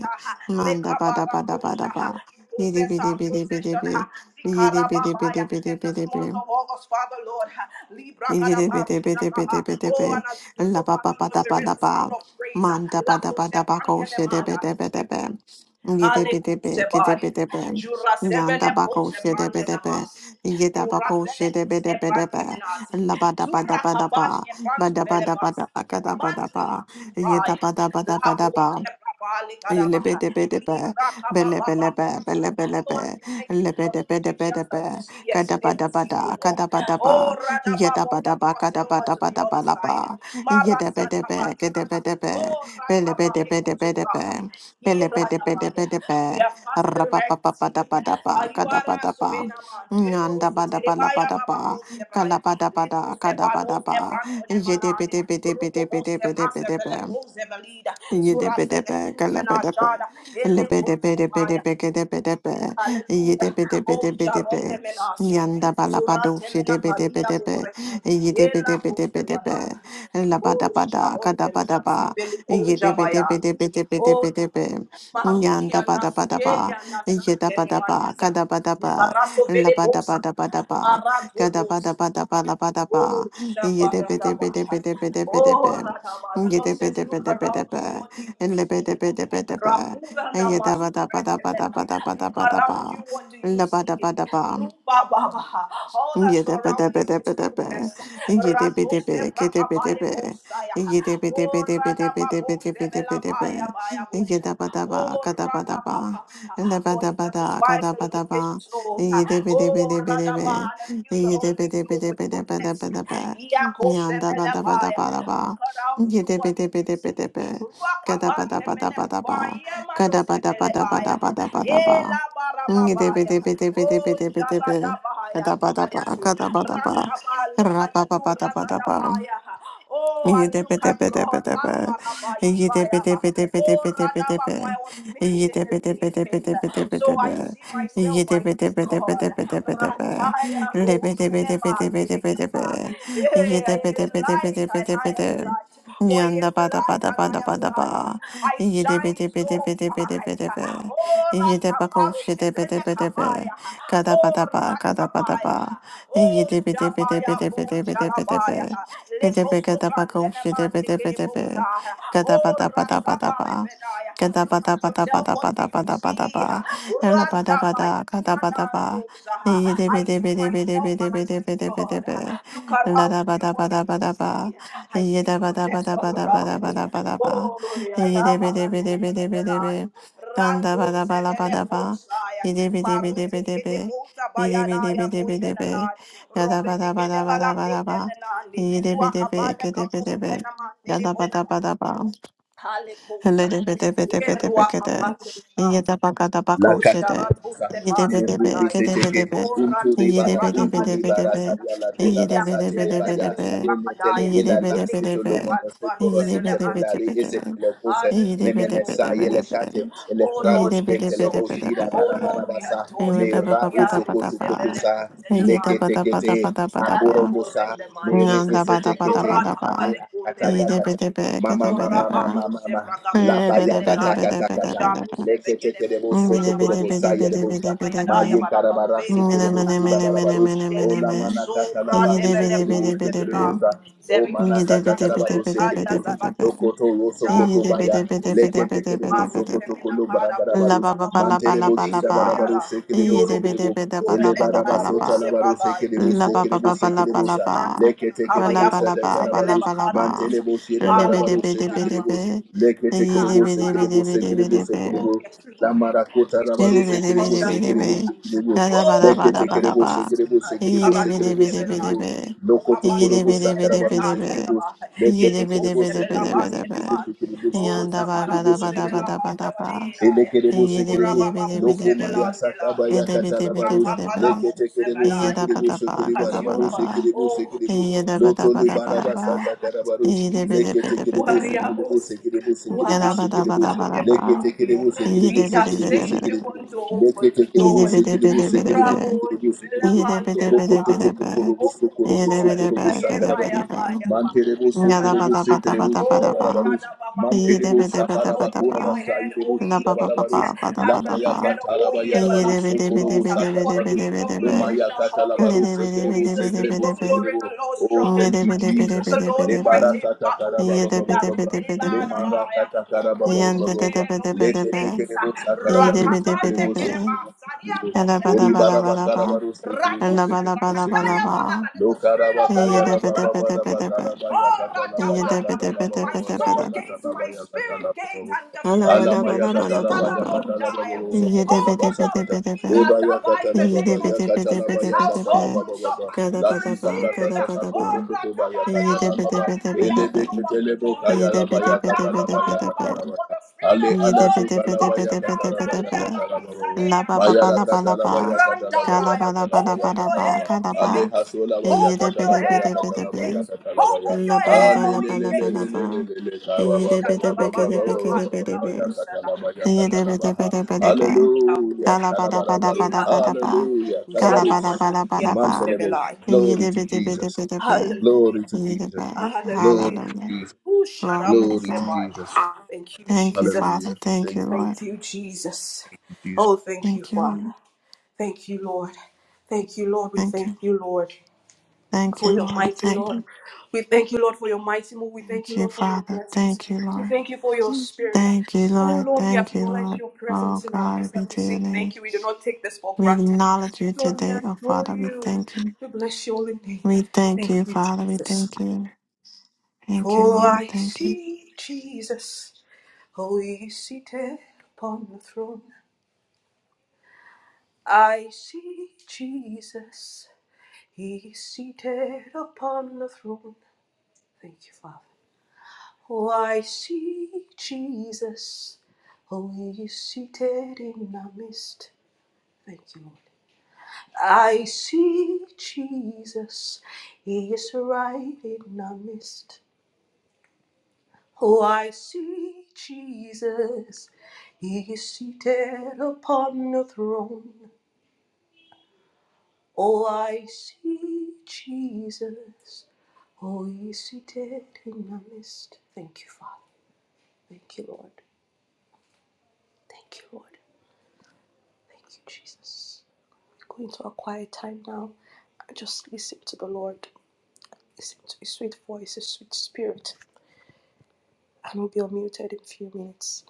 Manda ba da ba da ba da ba. Yidi
possess
bidi
our
bidi bidi
possession,
bi.
ha, the
Yidi bidi bidi
Karababaya,
bidi
in this
bidi bi.
month of August, Father Lord, ha, Libra
Yidi bidi bidi
Karabarosaka,
bidi
ha.
bidi bi.
oh, and as we do
La
so,
ba ba
Father
ba
Lord,
da
we
ba
raise
da
the
ba.
sound of praise, ha,
Man da ba da ba da ba ko shi de bi
Lakosebrantenemana,
de bi de bi. Yidi
Ale
bidi bi kidi
kusebai.
bidi bi.
Jura
Yan
sevele
da ba ko
kuse
shi de bi
brande
de bi.
namas.
Yida ba
Jura
ko shi
vele
de bi
kus
de bi de bi.
ebrante menaz.
La ba da ba da
Zura
ba da ba.
kabash
Ba
ebrantu
da ba da ba da
velebas.
ba ka da ba da
Mantili
ba. Yida
kusubrai.
ba da ba da ba da
Labo
ba.
sebrabali kadabaha.
Ilebedebedebe,
Libra
belebelebe,
kababababosa.
belebelebe,
Lord, we thank you because the Egyptians that
lebedebedebedebe,
we see yesterday, we see no
kadabadabada,
more.
kadabadaba,
Oh, Radababa, we are
yedabadaba,
crossing over to the other side.
kadabadabadabadaba,
Mara
yedebedebe,
satabalibaha.
gedebedebe,
Oh, Ratabareko
belebedebedebedebe,
Iradabaya.
belebedebedebedebe,
We have passed the Red Sea.
rapapapapadabadaba,
Ayuara
kadabadaba,
suvenaman. Evoro soterebaya
nyandabadabalabadaba,
bababo sebaya.
kalabadabada,
Leko sebados
kadabadaba,
ebrantone malade. Rokobo sebrase
yedebedebedebedebedebedebe.
veleko zevelida. Zura sevekunde menashada. Eleko sebaya. Hallelujah. Oh, Jaron de Menasi. Zurante Menapadia Bore. Ela Cosebala. Oh, Sharon de Menasi. Beli O Jabaya. Oh, Lord. Maruria Nasuelia Nasante maniza. Lucaraso Vele Bosa. Marato Bosa. Ooh, shabaradaba. Oh,
Yanda
radaba. The Lord says, look
Ngidibidibidibidibid.
around you. What do you see?
Nlibidibidibidibid.
Rahuva namasuretelena. Look
Ngidabadabadabadabadabadabadaba.
around you. What do you see?
Labadabadaba.
Ruba baba. All that surrounds you is
Yedebedebedebedebe.
goodness. Rato
Yedebedebe,
sebrakabale
kedebedebe.
bosaya. Oh, radaba bozebela
Yedebedebedebedebedebedebe.
baya baya boja.
Yedabadaba,
Oh, Rada
kadabadaba.
for he
Lebadabada,
satisfies the longing
kadabadaba.
soul. Oh, Rada
Yedebedebedebedebe.
Ba, and fills the hungry soul with goodness.
Yedebedebedebedebedebe.
Yako Sebelabaya.
Nyandabadabadabadaba.
Look around you, what do you see?
Yedebedebedebedebe.
Rakabante
Kadabadabadabadaba.
Melekvaya, Mano Sebelebaya.
Kadabadabadabadabadabadaba.
Ela Barababaya. Oh,
Yedebedebedebedebedebe.
Jaradabaya, look at
Kadabadaba,
you.
kadabadaba,
Rantaba, look at you,
rabababadabadaba.
Ragadabaya. Oh, and look at God,
Yidda-bidda-bidda-bidda-bidda.
Lambarabaya. Oh, Radaba,
Yidda-bidda-bidda-bidda-bidda-bidda.
for I was made in his image. So I see
Yidda-bidda-bidda-bidda-bidda-bidda.
myself, I see God.
Yidda-bidda-bidda-bidda-bidda-bidda.
Radaya Bozeleba Delikata. Yeah, He is light and I am
Libidda-bidda-bidda-bidda-bidda. Yidda-bidda-bidda-bidda-bidda-bidda.
light. For he is light and I am
Yanda-bada-bada-bada-bada-ba.
light. I shine so bright.
Yidda-bidda-bidda-bidda-bidda-bidda.
Oh, Ratabaru Kebele
Yidda-bako-shidda-bidda-bidda-bidda.
Kabaya. Oh,
Kada-bada-ba,
Ratabaya.
kada-bada-ba.
Oh, Jabaya, Bo
Yidda-bidda-bidda-bidda-bidda-bidda-bidda.
Shalabaya.
Gedebe
Lekoso
gedaba goshi debe
Brantenamande
debe debe.
Kerebosa.
Gedaba
Oh,
daba daba daba.
Rasabarepedaya.
Gedaba
Look at
daba daba
yourself.
daba
What do
daba
you
daba daba.
see?
Elaba daba
Ratabaya.
da gadaba daba.
Imanandosa.
Debe debe
I
debe
see
debe debe
myself and
debe
I see
debe debe debe.
God. Look
La
around
daba
you.
daba
What do
daba
you
daba.
see? I
Ye
see
daba daba
goodness
daba
all
daba
around
daba
me.
daba daba.
Oh, yeah,
Ye
yeah,
debe debe
Barako
debe debe debe.
Zebelani.
Dan
Rando
daba daba daba
Zebele
daba.
Kosaya.
Ye debe debe debe
Marote
debe.
Kede Bota
Ye debe debe
Bayadaya
debe debe.
Bondenanani.
Ya
Robe
daba
de
daba
Gede
daba daba
Balakunde
daba.
Menandi.
Yidibidibid,
Ruakabale Kabos
kidibidibid,
Benamande Bosa.
yadabadabadaba,
Kale Kosa.
lidibidibidibidibid, kidi,
La
Ooh,
yidabakadabakoshidi,
kataya
sharatu
basa.
bele basa
Meru
yidibidibid,
kadai.
iseteke.
kidibidibid,
Oh,
Untu
ratu se
libara,
brada
untu
bali gidi
libara
yidibidibidibidibid,
bonda.
saya la
yidibidibidibidibid,
toda
Ya
basa
kuse
le
bele
baya.
buse
yidibidibidibid,
Menetele
brakadai.
ila la
Ili
seto
kuse
lo
yidibidibidibidibid,
mono
bali
se koro
baruze
si
bele bali
tepelari
gibusa.
isepele kuse.
Hallelujah,
Memene
Lord, we
saye le
worship you.
kate.
yidibidibidibidibid,
Ele
Oh,
prado
Lord, we
skente le
exalt you.
boshira
Oh,
bara bara
Lord, we
basa.
yidibidibidibidibidibid,
adore you.
yidibidibidibidibid,
Mera
Ya
uso
ruse
kotu kotu
bele
sa.
buse la
Leke
bali.
tekete.
Hale
yidabadabadabadabadaba,
Aporo
kore
bosa.
de
Mere
maliza.
isetekete.
Jorata
Nandabadabadabadaba.
Ale
bale kunde
akataya
mena.
Mama, mama, mama,
Idibidibigidibidibra.
Zorababose,
mama. La
Bragabose,
Labaya kata
Belegade,
kata kata.
Idibidibidibidibidibidibra.
Jarose,
Leke teke debo
Vegedemozu,
soto korobo
Bragabaleti,
saya debo
Vidibusa,
sha.
Bayadaya,
Maye
Idibidibidibidibidibidibra.
karabara
Barakaruveli,
seke debo shida
Busataya,
barabarus. O la
Miniminiminiminiminiminimi.
mana
Geleboso,
kata la labaru seke debo
Bradevelecose,
seke
Idibidibidibidibidibra.
debo
Velate,
sa. O
Zerindo,
mana kata
Sebranto,
karabaru
Velecadia,
seke
Idibidibidibidibidibidibra.
Zaradose,
Lokoto Rosokoto
Jaro, veli
Baya, Leke
Velicoseba,
Tekerebo
Marute,
Sokoto
Idibidibidibidibidibidibra.
Kolo
Menacada, Bozu,
Baragarabarus,
Bragabaya,
Manterebo
Vidibusu,
Shira
Labababalabalabalaba.
Barabaru
Bayara,
Sekerebo
Yoroko,
Sekerebo, Ele Barabasota
Vedegarabose,
Idibidibidibalabalaba.
Labaru
Bragai,
Sekerebo
La ba
O
ba ba
Sekerebo
ba la
Jarato,
ba la
Sekerebosa,
Sebrante,
ba.
Leke
Ra
Menacaba,
la
Tekerebo
ba la
Sata
Yaboru,
ba
Zende,
ba la
Karabarus,
ba la
Lebacada,
ba.
Busa,
Mantelebo Shira
Le be de
Barabaru
be de be
Hallelujah.
de be.
Sekerebos, Leke
Ye de
Tekerebo
be de be de
Sekerebo
Hallelujah.
be de be
Sekerebo
de be.
Oh,
Sekerebo,
yes,
La
Lord.
Maracota
We
Ye
Rabaru
de
see you
be de be
on
Sekerebo
de
the
be de be.
throne.
Sekerebo Sekerebo,
La la ba la
Oh,
ba
Leke
la ba la
Tekerebo
ba.
Barababos.
Sekerebo
Ali
Ye
Sekerebo
de be de
Sekerebo
be
Karadoze
de be de
Belade.
Sekerebo,
be.
Lokoto
Ye
Rukabale
de
Korobo
be de
Kose
be de be
Sakarabaru
de
Beledata
be.
Sekerebo,
Yaba.
Leke
Ye de
Ele
teke
be de
debo,
Kose
be de be
seke
de
debo,
be
Belabande
de
seke
be.
debo, seke
Nemande.
debo, seke
Ya
Oh,
debo,
da ba
seke
ga
debo,
da ba
Zabaraboze
seke
da ba
debo.
da ba da
Belabada
ba.
Valera.
Elekerebo
Ye de be de
sekerebo
be de be de
Urabababose
be.
lokoma ya
Belandela.
sakaba
Ye
ya
de be de be de be
katalabaros
Jurata
de be.
Balabose
leketekerebo
Ye
Belai.
da ba
sekerebo
da ba
Look
ga
sekeriba
da
at
ba
you.
da
rabaros
ba.
sekerebo
Oh,
sekerebo lotole
I
baraba
Yedabadabadabadaba.
sata
see
karabaros
Jesus.
leketekerebo
Yedebedebedebedebe.
sekerebo
Wariabos,
sekerebo sekerebo
warabos,
sekerebo
Yedabadabadabadaba.
dandelinayo.
leketekerebo
We
sekerebo
are
sekerebo
saying
Yedebedebedebedebe.
we
sekerebo
want to open the
leketekerebo
doors.
sekerebo sekerebo
Yedebedebedebedebe.
Urabos,
sekerebo sekerebo
velabandelabay.
Yedebedebedebedebe.
rokotokotokorobo
Open
sokorobo
doors.
sokorobo sakarabaros
Yedebedebedebedebe.
manterebo sokorobo
Ayemayamayababoshagadamaha.
sekerebo
Oh,
Yedabadabadabadabadaba.
shidabarabaros Mantelebo
radabababosha. Open
sabarabakora
your
Yedebedebedebedebe.
basai
head,
debo
O ye gate,
shirabarabarus
and be
lamaya
Labababababadabadaba.
lifted up, O ye
katalabayarabarus
everlasting
sokorobo
doors, for the
sakarabarus
King of glory
Yedebedebedebedebedebedebe.
glory
lomaya
shall come in.
katalabarus
Who
sekerebo
is this King
sekerebo
of
Yedebedebedebedebedebe.
glory?
sekerebo.
The Lord
Oh,
strong and
thank you,
mighty,
Jesus.
the Lord
Yedebedebedebedebedebe.
Lebara
mighty in battle.
Yeah,
satakarababababababaha. Lemara
Yarubidibadabaya. Open your
katakarababababababaha.
head, O ye gates.
Leketekerebo sakarabarus
Rakabande
sekerebo sekerebo
kerebasa,
sekerebo. Ori
diakondenanasi.
barabakarabarus sekerebo sekerebo
Ratosebakataya
sekerebo.
balaba. Let the Spirit
Lokaraba
of the Lord
kariyara
let it
baba
travel
baba
through.
bakaraba
Oh,
yakatala
Ratabaya.
bayakatala baba
My
baba
soul gates,
bakatala
my
bayakatala
spirit
baba
gate,
baba
and the flesh
alama
gate.
yakatala bayakatala baba baba baba
Open up.
labasakata
God,
leba
that by the
yakatala baba
name of Jesus,
yakatala
this house
bayakatala baba
opens up
baba
to
lasisa kasa
receive
sasa
oh,
koto koto
Rakaba, the
bayakatala baba
outpouring and the
elebe
outflow of the
ketelebo
Lord.
kayara bayakatala
Radakabalaba,
bayakatala
For
baya
the Spirit of
Ale
the
ala
Lord is
sokalaba ya
gushing out.
katalaba ya katalaba baba.
La
Aleanabasadea
ba ba ba
Mayala
la ba
kanabosi.
la
katalaba
ba,
ya katalaba
ga
ya
la ba la ba
katalaba
la
ya
Open
ba la
your
ba,
head,
katalaba
O
ga la
ye
ba,
Aleha
gates.
solabaya
ye de
Open
yakata
be
your
de
laba
be
head,
de
O
be
yakata
de
ye
laba
be,
gates.
yakata laba
Open
ya.
la
your
ba la
head,
ba
O
la ba
ye
la ba la
gates.
ba,
Alelelelelelelele kaba
ye de
baba
be de be
baba
ke
baba
de be
Shatarabadela
ke
baba ba
de be
ba ba ba ba ba
de
Bandela
ba
be,
yakata laba
ye
yakata
de be de be de be de be,
Hallelujah.
ga la ba la ba la ba
Kalabarabarabarus.
la ba
Bosera,
la ba,
Hallelujah.
ga la ba
Uzana
Kalabarus.
la ba
Mana,
la ba la ba,
Mantelemos.
Yabusebelai.
ye
Glory
de
to
be de be de
Jesus.
be de be,
Hallelujah.
Glory to
ye de
Jesus.
be,
Glory
Hallelujah.
to
hallelujah,
Jesus.
Ooh,
glory
Glory.
be to
sharabo
God.
sebai. Thank you,
Thank you,
Jesus.
Father.
Hallelujah.
Thank you,
Thank you.
Lord.
Thank you, Jesus. Oh, thank you,
Thank you,
Father.
Lord.
Thank you, Lord. Thank you, Lord. We
Thank
thank
you.
you, Lord
Thank
for
you,
your
Lord.
mighty
Thank
Lord.
you.
We thank you, Lord, for your mighty move. We thank
Thank
you,
you,
Lord, for your
Father.
presence.
Thank you,
We
Lord.
thank you for your spirit.
Thank you,
Oh
Lord.
Lord, we
Thank you,
acknowledge
Lord.
your
Oh
presence in our
God,
midst
we
and we
do your
say
name.
thank you. We do not take this for
We
granted.
acknowledge you
Lord, we
today, oh
adore
Father. We
you.
thank you.
We bless your holy name.
We thank
Thank
you,
you,
Father. We
Jesus.
thank you. Thank you,
For
Lord.
I
Thank you.
see Jesus, oh, he is seated upon the throne. I see Jesus, he is seated upon the throne. Thank you, Father. Oh, I see Jesus. Oh, he is seated in the mist. Thank you, Lord. I see Jesus. He is right in the mist. Oh, I see Jesus. He is seated upon the throne. Oh, I see Jesus. Oh, he is seated in the mist. Thank you, Father. Thank you, Lord. Thank you, Lord. Thank you, Jesus. Go into a quiet time now and just listen to the Lord. Listen to His sweet voice, His sweet spirit, and we'll be unmuted in a few minutes.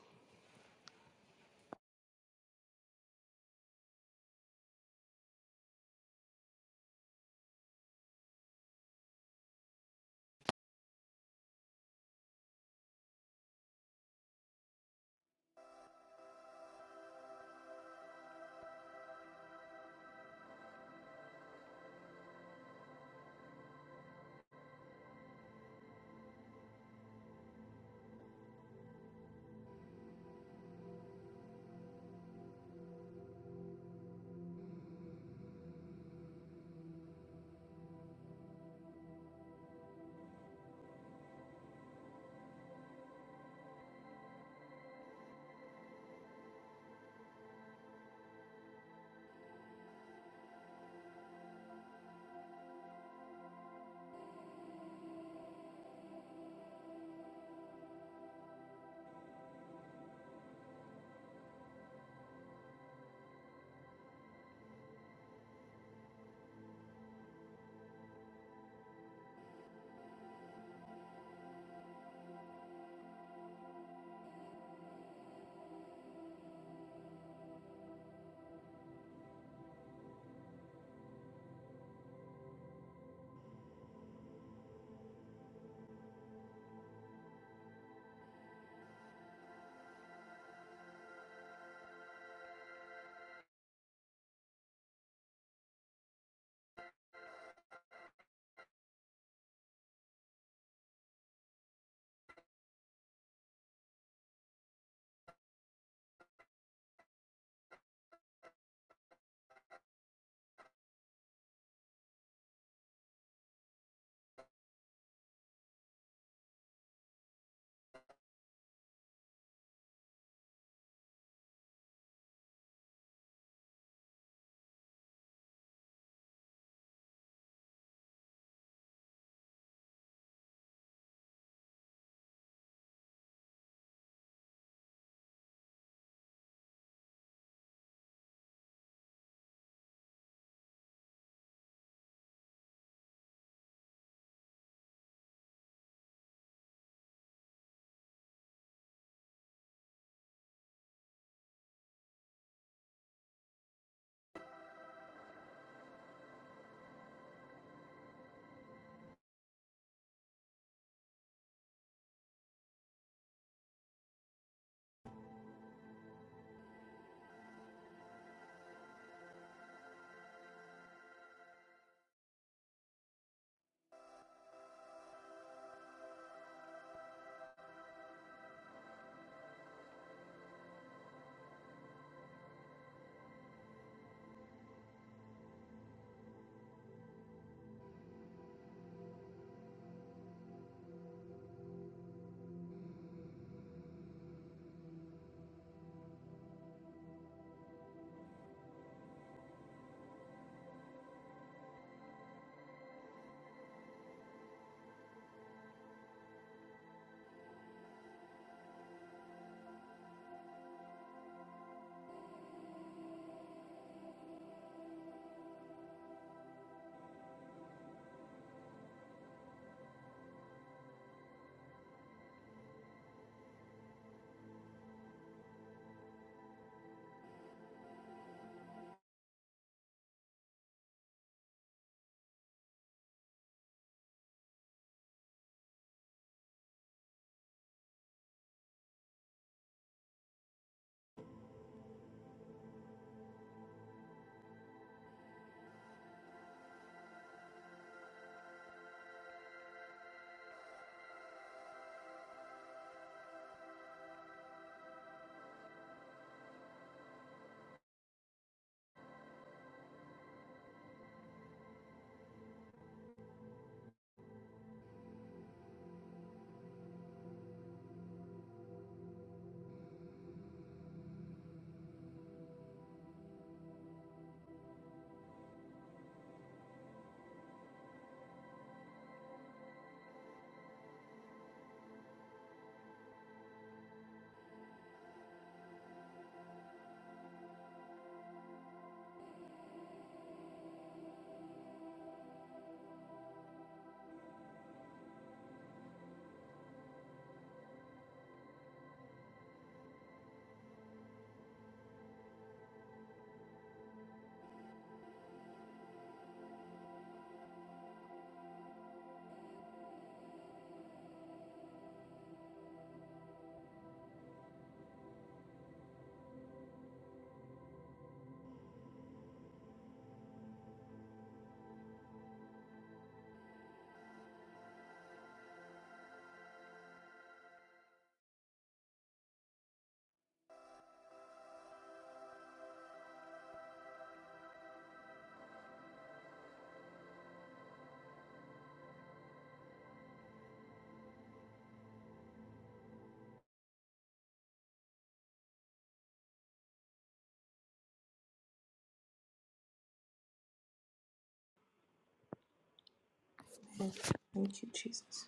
Amen. Thank you, Jesus.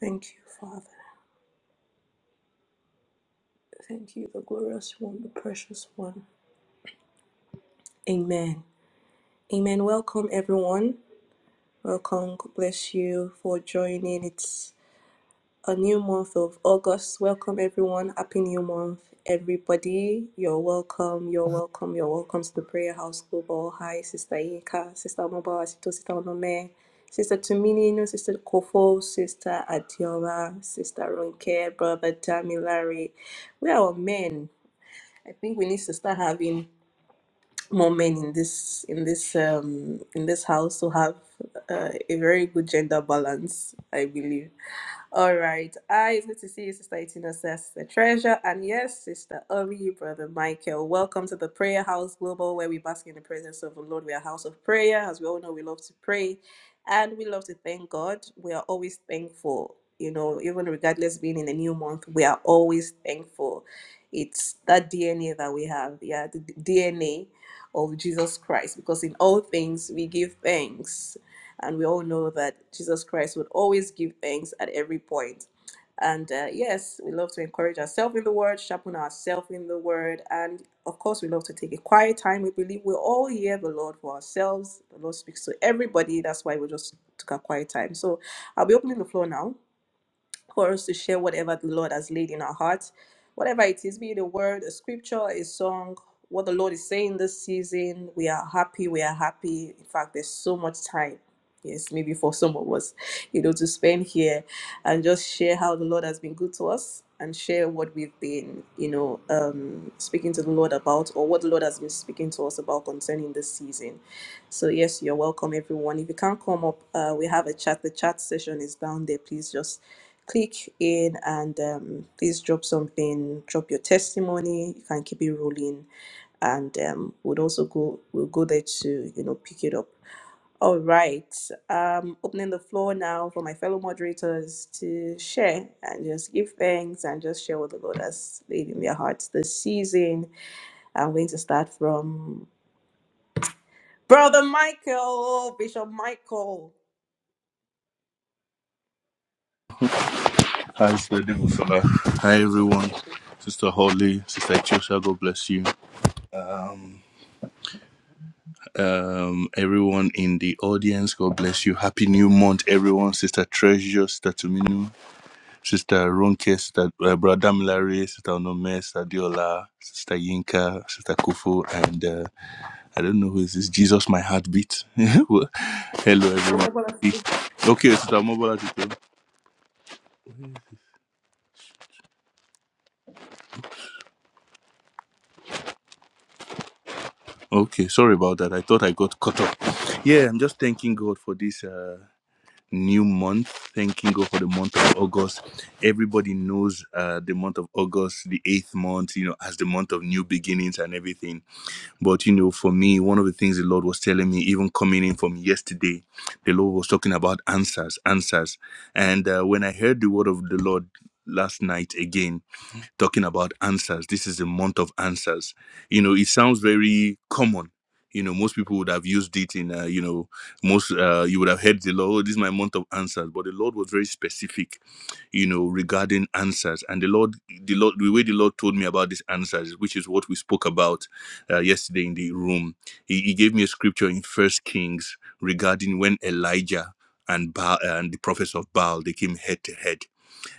Thank you, Father. Thank you, the glorious one, the precious one. Amen. Amen. Welcome, everyone. Welcome. God bless you for joining. It's a new month of August. Welcome, everyone. Happy new month, everybody. You're welcome. You're welcome. You're welcome to the Prayer House Global. Hi, Sister Inka, Sister Mobile, Sister Sister Onome, Sister Tumini, no, Sister Kofo, Sister Adiola, Sister Ronke, Brother Damilari. We are all men. I think we need to start having more men in this in this um in this house to have uh, a very good gender balance. I believe. All right. Hi, it's good to see you, Sister Itina, Sister Treasure. And yes, Sister Ori, Brother Michael. Welcome to the Prayer House Global, where we bask in the presence of the Lord. We are a house of prayer. As we all know, we love to pray and we love to thank God. We are always thankful. You know, even regardless being in a new month, we are always thankful. It's that DNA that we have, yeah, the DNA of Jesus Christ, because in all things we give thanks. And we all know that Jesus Christ would always give thanks at every point. And uh, yes, we love to encourage ourselves in the word, sharpen ourselves in the word. And of course, we love to take a quiet time. We believe we all hear the Lord for ourselves. The Lord speaks to everybody. That's why we just took a quiet time. So I'll be opening the floor now for us to share whatever the Lord has laid in our hearts, whatever it is, be it a word, a scripture, a song, what the Lord is saying this season. We are happy, we are happy. In fact, there's so much time. Yes, maybe for some of us, you know, to spend here and just share how the Lord has been good to us and share what we've been, you know, um, speaking to the Lord about or what the Lord has been speaking to us about concerning this season. So yes, you're welcome, everyone. If you can't come up, uh, we have a chat. The chat session is down there. Please just click in and um, please drop something drop your testimony you can keep it rolling and um, we'll also go we'll go there to you know pick it up all right um opening the floor now for my fellow moderators to share and just give thanks and just share what the lord has laid in their hearts this season i'm going to start from brother michael bishop michael
Hi, Sister Devosola. Hi, everyone. Sister Holly, Sister Chosha, God bless you. um, everyone in the audience. God bless you. Happy new month, everyone. Sister Treasure, Sister Tuminu, Sister Ronke, Sister uh, Brother Milare, Sister Onome, Sister Diola, Sister Yinka, Sister Kufu, and uh, I don't know who is this. Jesus, my heartbeat. Hello, everyone. Happy- Okay, Sister Mobile. Okay, sorry about that. I thought I got caught up. Yeah, I'm just thanking God for this. Uh, new month. Thanking God for the month of August. Everybody knows uh, the month of August, the eighth month, you know, as the month of new beginnings and everything. But, you know, for me, one of the things the Lord was telling me, even coming in from yesterday, the Lord was talking about answers, answers. And uh, when I heard the word of the Lord last night again, talking about answers. This is the month of answers. You know, it sounds very common. You know, most people would have used it in, uh, you know, most, uh, you would have heard the Lord, "Oh, this is my month of answers. But the Lord was very specific, you know, regarding answers. And the Lord, the Lord, the way the Lord told me about these answers, which is what we spoke about uh, yesterday in the room, he, he gave me a scripture in First Kings regarding when Elijah and Baal, and the prophets of Baal, they came head to head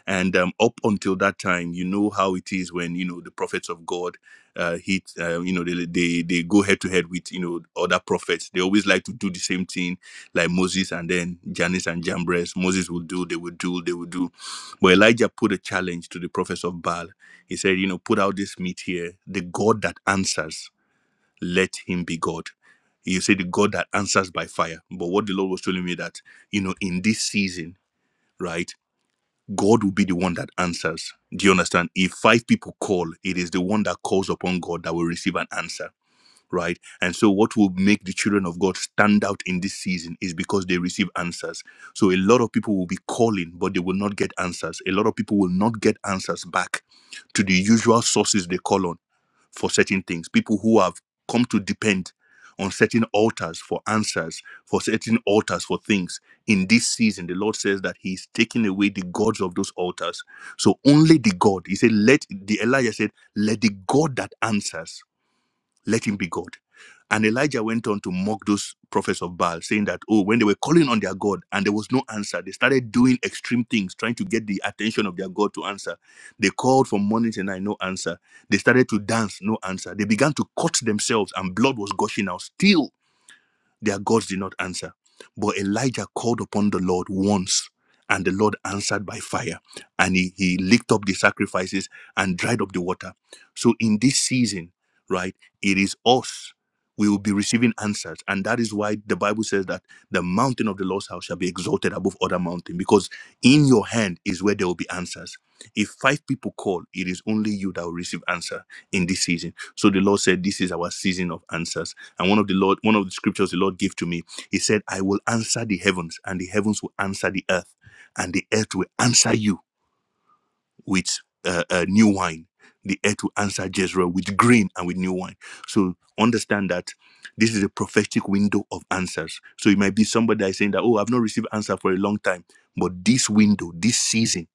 and um, up until that time you know how it is when you know the prophets of god uh, hit uh, you know they, they they go head to head with you know other prophets they always like to do the same thing like moses and then janice and jambres moses will do they will do they will do but elijah put a challenge to the prophets of baal he said you know put out this meat here the god that answers let him be god you say the god that answers by fire but what the lord was telling me that you know in this season right God will be the one that answers. Do you understand? If five people call, it is the one that calls upon God that will receive an answer, right? And so, what will make the children of God stand out in this season is because they receive answers. So, a lot of people will be calling, but they will not get answers. A lot of people will not get answers back to the usual sources they call on for certain things, people who have come to depend on certain altars for answers, for certain altars for things. In this season, the Lord says that He's taking away the gods of those altars. So only the God, He said, let the Elijah said, let the God that answers, let him be God. And Elijah went on to mock those prophets of Baal, saying that, oh, when they were calling on their God and there was no answer, they started doing extreme things, trying to get the attention of their God to answer. They called from morning to night, no answer. They started to dance, no answer. They began to cut themselves, and blood was gushing out. Still, their gods did not answer. But Elijah called upon the Lord once, and the Lord answered by fire. And he, he licked up the sacrifices and dried up the water. So in this season, right, it is us. We will be receiving answers. And that is why the Bible says that the mountain of the Lord's house shall be exalted above other mountain, because in your hand is where there will be answers. If five people call, it is only you that will receive answer in this season. So the Lord said, This is our season of answers and one of the Lord, one of the scriptures the Lord gave to me, He said, I will answer the heavens, and the heavens will answer the earth, and the earth will answer you with uh, uh, new wine. The earth will answer Jezreel with green and with new wine. So understand that this is a prophetic window of answers. So it might be somebody that is saying that, oh, I've not received answer for a long time. But this window, this season,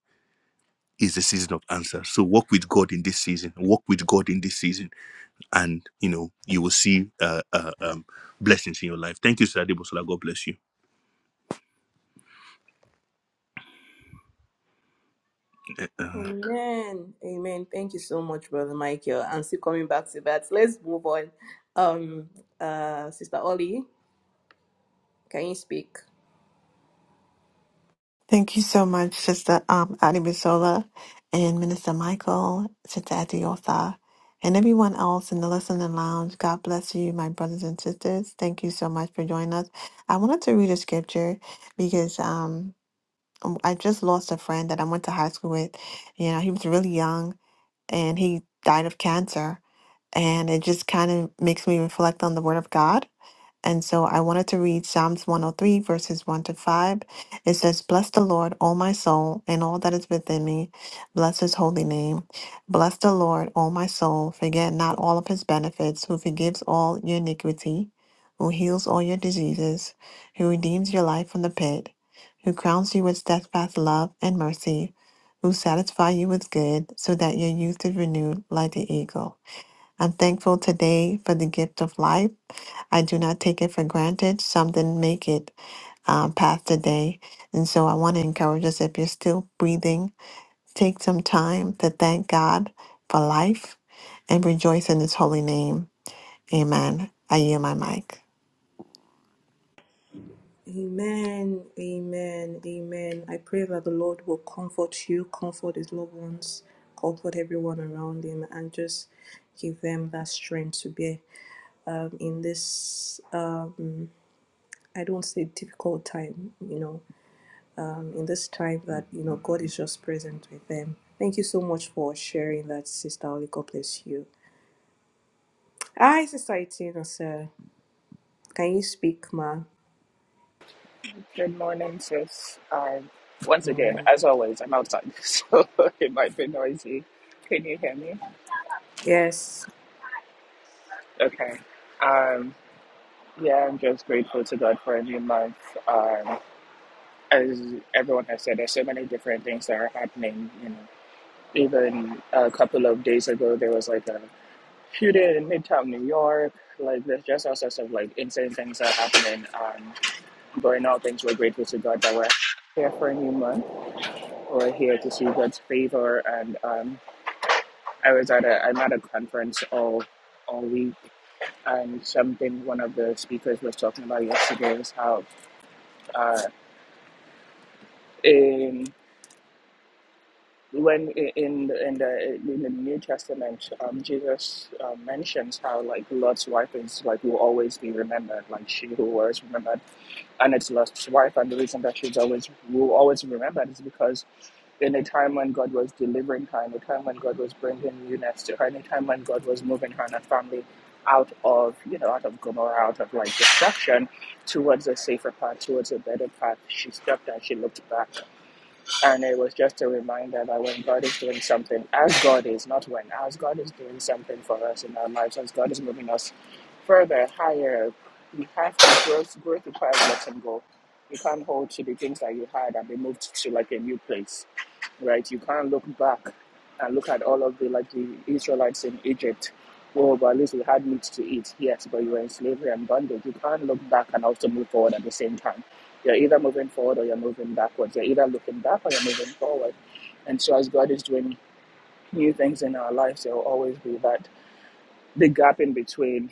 is the season of answers. So walk with God in this season. Walk with God in this season and you know you will see uh, uh, um, blessings in your life. Thank you, Sir Adebosola. God bless you.
Amen. Amen. Thank you so much, Brother Michael. And still coming back to that. Let's move on. Um, uh, Sister Ollie, can you speak?
Thank you so much, Sister um, Adi Bisola and Minister Michael, Sister Adiosa, and everyone else in the listening lounge. God bless you, my brothers and sisters. Thank you so much for joining us. I wanted to read a scripture because. Um, um, I just lost a friend that I went to high school with. You know, he was really young and he died of cancer. And it just kind of makes me reflect on the word of God and so I wanted to read Psalms 103, verses 1 to 5. It says, Bless the Lord, O my soul, and all that is within me. Bless his holy name. Bless the Lord, O my soul. Forget not all of his benefits, who forgives all your iniquity, who heals all your diseases, who redeems your life from the pit, who crowns you with steadfast love and mercy, who satisfies you with good, so that your youth is renewed like the eagle. I'm thankful today for the gift of life. I do not take it for granted. Some didn't make it um, past the day. And so I want to encourage us if you're still breathing, take some time to thank God for life and rejoice in his holy name. Amen. I yield my mic.
Amen. Amen. Amen. I pray that the Lord will comfort you, comfort his loved ones, comfort everyone around him, and just give them that strength to bear um, in this, um, I don't say difficult time, you know. um, in this time that you know God is just present with them. Thank you so much for sharing that, Sister Oli. God bless you. Hi, Sister Itina, sir. Can you speak, ma?
Good morning, sis. Um, once again,
Mm.
as always, I'm outside, so it might be noisy. Can you hear me?
Yes.
Okay. Um, yeah, I'm just grateful to God for a new month. Um, as everyone has said, there's so many different things that are happening. You know, even a couple of days ago, there was like a shooting in Midtown New York. Like, there's just all sorts of like insane things that are happening. Um, but in all things, we're grateful to God that we're here for a new month. or here to see God's favor. And um, I was at a I'm at a conference all all week, and something one of the speakers was talking about yesterday was how uh, in when in in the in the New Testament, um, Jesus uh, mentions how like Lot's wife is like will always be remembered, like she who was remembered and it's lost wife. And the reason that she's always will always remembered is because in a time when God was delivering her, in a time when God was bringing newness to her, in a time when God was moving her and her family out of you know out of Gomorrah, out of like destruction, towards a safer path, towards a better path, she stepped and she looked back and it was just a reminder that when God is doing something, as God is, not when, as God is doing something for us in our lives, as God is moving us further, higher, we have to grow, grow Growth requires letting go. You can't hold to the things that you had and be moved to like a new place right? You can't look back and look at all of the like the Israelites in Egypt. Oh, but at least we had meat to eat. Yes, but you were in slavery and bondage. You can't look back and also move forward at the same time. You're either moving forward or you're moving backwards. You're either looking back or you're moving forward. And so as God is doing new things in our lives, there will always be that big gap in between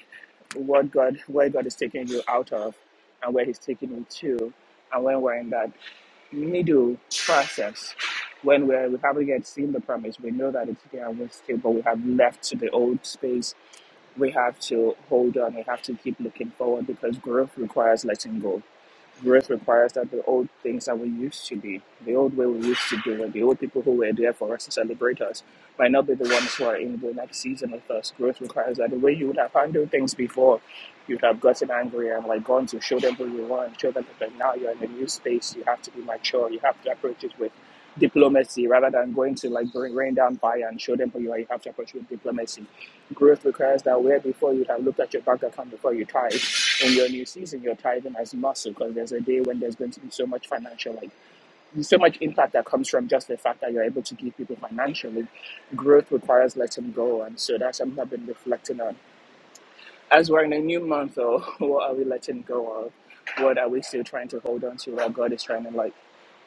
what God where God is taking you out of and where He's taking you to. And when we're in that we need to process when we we haven't yet seen the promise. We know that it's there and we're still, but we have left to the old space. We have to hold on. We have to keep looking forward because growth requires letting go. Growth requires that the old things that we used to be, the old way we used to do it, the old people who were there for us to celebrate us, might not be the ones who are in the next season with us. Growth requires that the way you would have handled things before, you'd have gotten angry and like gone to show them who you are and show them that like, now you're in a new space. You have to be mature. You have to approach it with diplomacy rather than going to like bring rain down fire and show them who you are. You have to approach it with diplomacy. Growth requires that where before you'd have looked at your bank account before you tried in your new season, you're tithing as you must because there's a day when there's going to be so much financial, like so much impact that comes from just the fact that you're able to give people financially. Growth requires letting go, and so that's something I've been reflecting on. As we're in a new month, though, what are we letting go of? What are we still trying to hold on to? What God is trying to like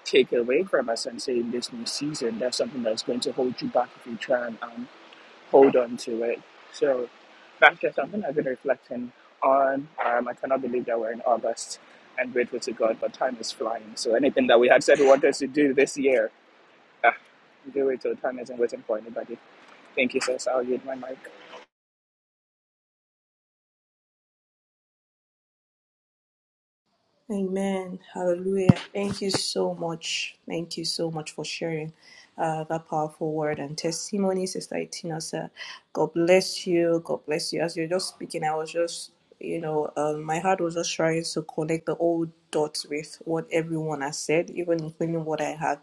take away from us and say in this new season, that's something that's going to hold you back if you try and um, hold on to it. So that's just something I've been reflecting on. Um, I cannot believe that we're in August and grateful to God, but time is flying. So anything that we had said we wanted to do this year, ah, do it till time isn't waiting for anybody. Thank you, sis. I'll yield my mic.
Amen. Hallelujah. Thank you so much. Thank you so much for sharing uh, that powerful word and testimony, Sister Itina, sir. God bless you. God bless you. As you're just speaking, I was just, you know, um, my heart was just trying to connect the old dots with what everyone has said, even including what I have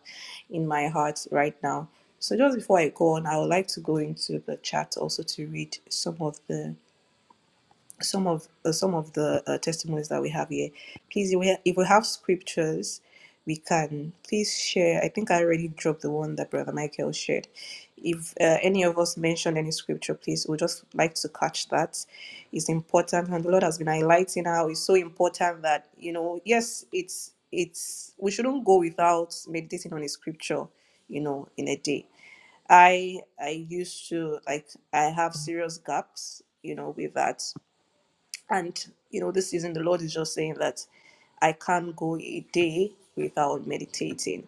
in my heart right now. So just before I go on, I would like to go into the chat also to read some of the some of uh, some of the uh, testimonies that we have here. Please, if we, ha- if we have scriptures, we can please share. I think I already dropped the one that Brother Michael shared. If uh, any of us mentioned any scripture, please, we would just like to catch that. It's important, and the Lord has been highlighting how it's so important that you know. Yes, it's it's we shouldn't go without meditating on a scripture, you know, in a day. I I used to like I have serious gaps, you know, with that. And you know, this season the Lord is just saying that I can't go a day without meditating.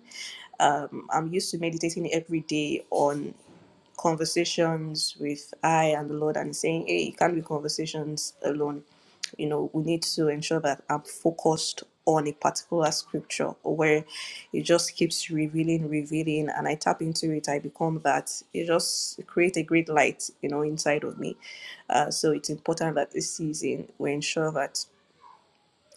Um, I'm used to meditating every day on conversations with I and the Lord and saying, hey, it can't be conversations alone. You know, we need to ensure that I'm focused on a particular scripture where it just keeps revealing, revealing, and I tap into it. I become that. It just create a great light, you know, inside of me. Uh, so it's important that this season we ensure that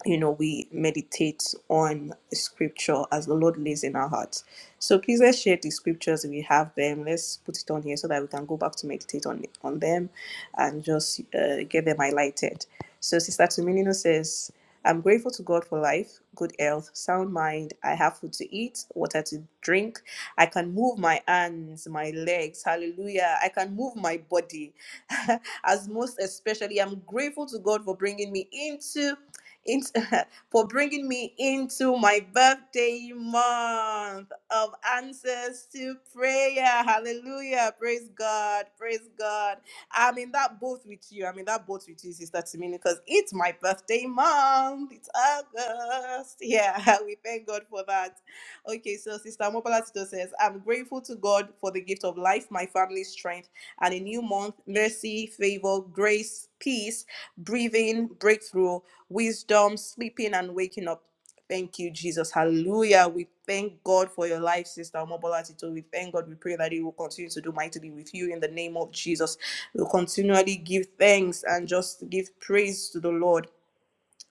you know, we meditate on scripture as the Lord lays in our hearts. So please let's share the scriptures if we have them. Let's put it on here so that we can go back to meditate on on them and just uh, get them highlighted. So Sister Tuminino says, I'm grateful to God for life, good health, sound mind. I have food to eat, water to drink. I can move my hands, my legs. Hallelujah. I can move my body. as most especially, I'm grateful to God for bringing me into into, for bringing me into my birthday month of answers to prayer. Hallelujah. Praise God. Praise God. I'm in that boat with you. I'm in that boat with you, Sister Timini, because it's my birthday month. It's August. Yeah, we thank God for that. Okay, so Sister Mobala Tito says, I'm grateful to God for the gift of life, my family's strength, and a new month, mercy, favor, grace, peace, breathing, breakthrough wisdom, sleeping and waking up. Thank you, Jesus. Hallelujah. We thank God for your life, Sister Omobola Tito. We thank God. We pray that He will continue to do mightily with you in the name of Jesus. We'll continually give thanks and just give praise to the Lord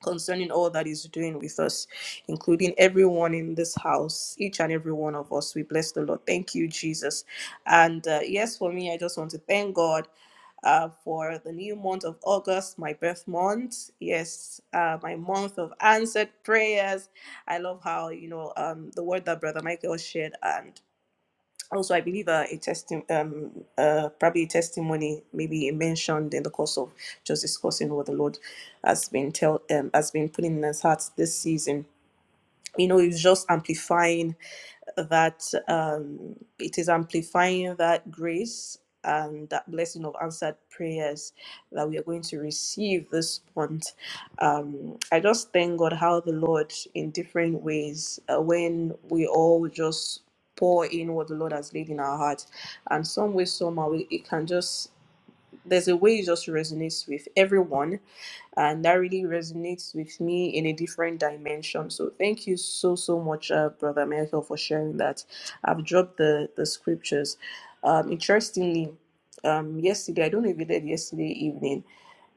concerning all that He's doing with us, including everyone in this house, each and every one of us. We bless the Lord. Thank you, Jesus. And uh, yes, for me, I just want to thank God uh, for the new month of August, my birth month. Yes, uh, my month of answered prayers. I love how you know um, the word that Brother Michael shared, and also I believe uh, a testimony, um, uh, probably a testimony, maybe mentioned in the course of just discussing what the Lord has been tell um, has been putting in his heart this season. You know, it's just amplifying that um, it is amplifying that grace and that blessing of answered prayers that we are going to receive this month. Um, I just thank God how the Lord, in different ways, uh, when we all just pour in what the Lord has laid in our heart, and some way, somehow, we- it can just there's a way it just resonates with everyone and that really resonates with me in a different dimension so thank you so so much uh, brother michael for sharing that i've dropped the the scriptures um interestingly um yesterday i don't know if you did yesterday evening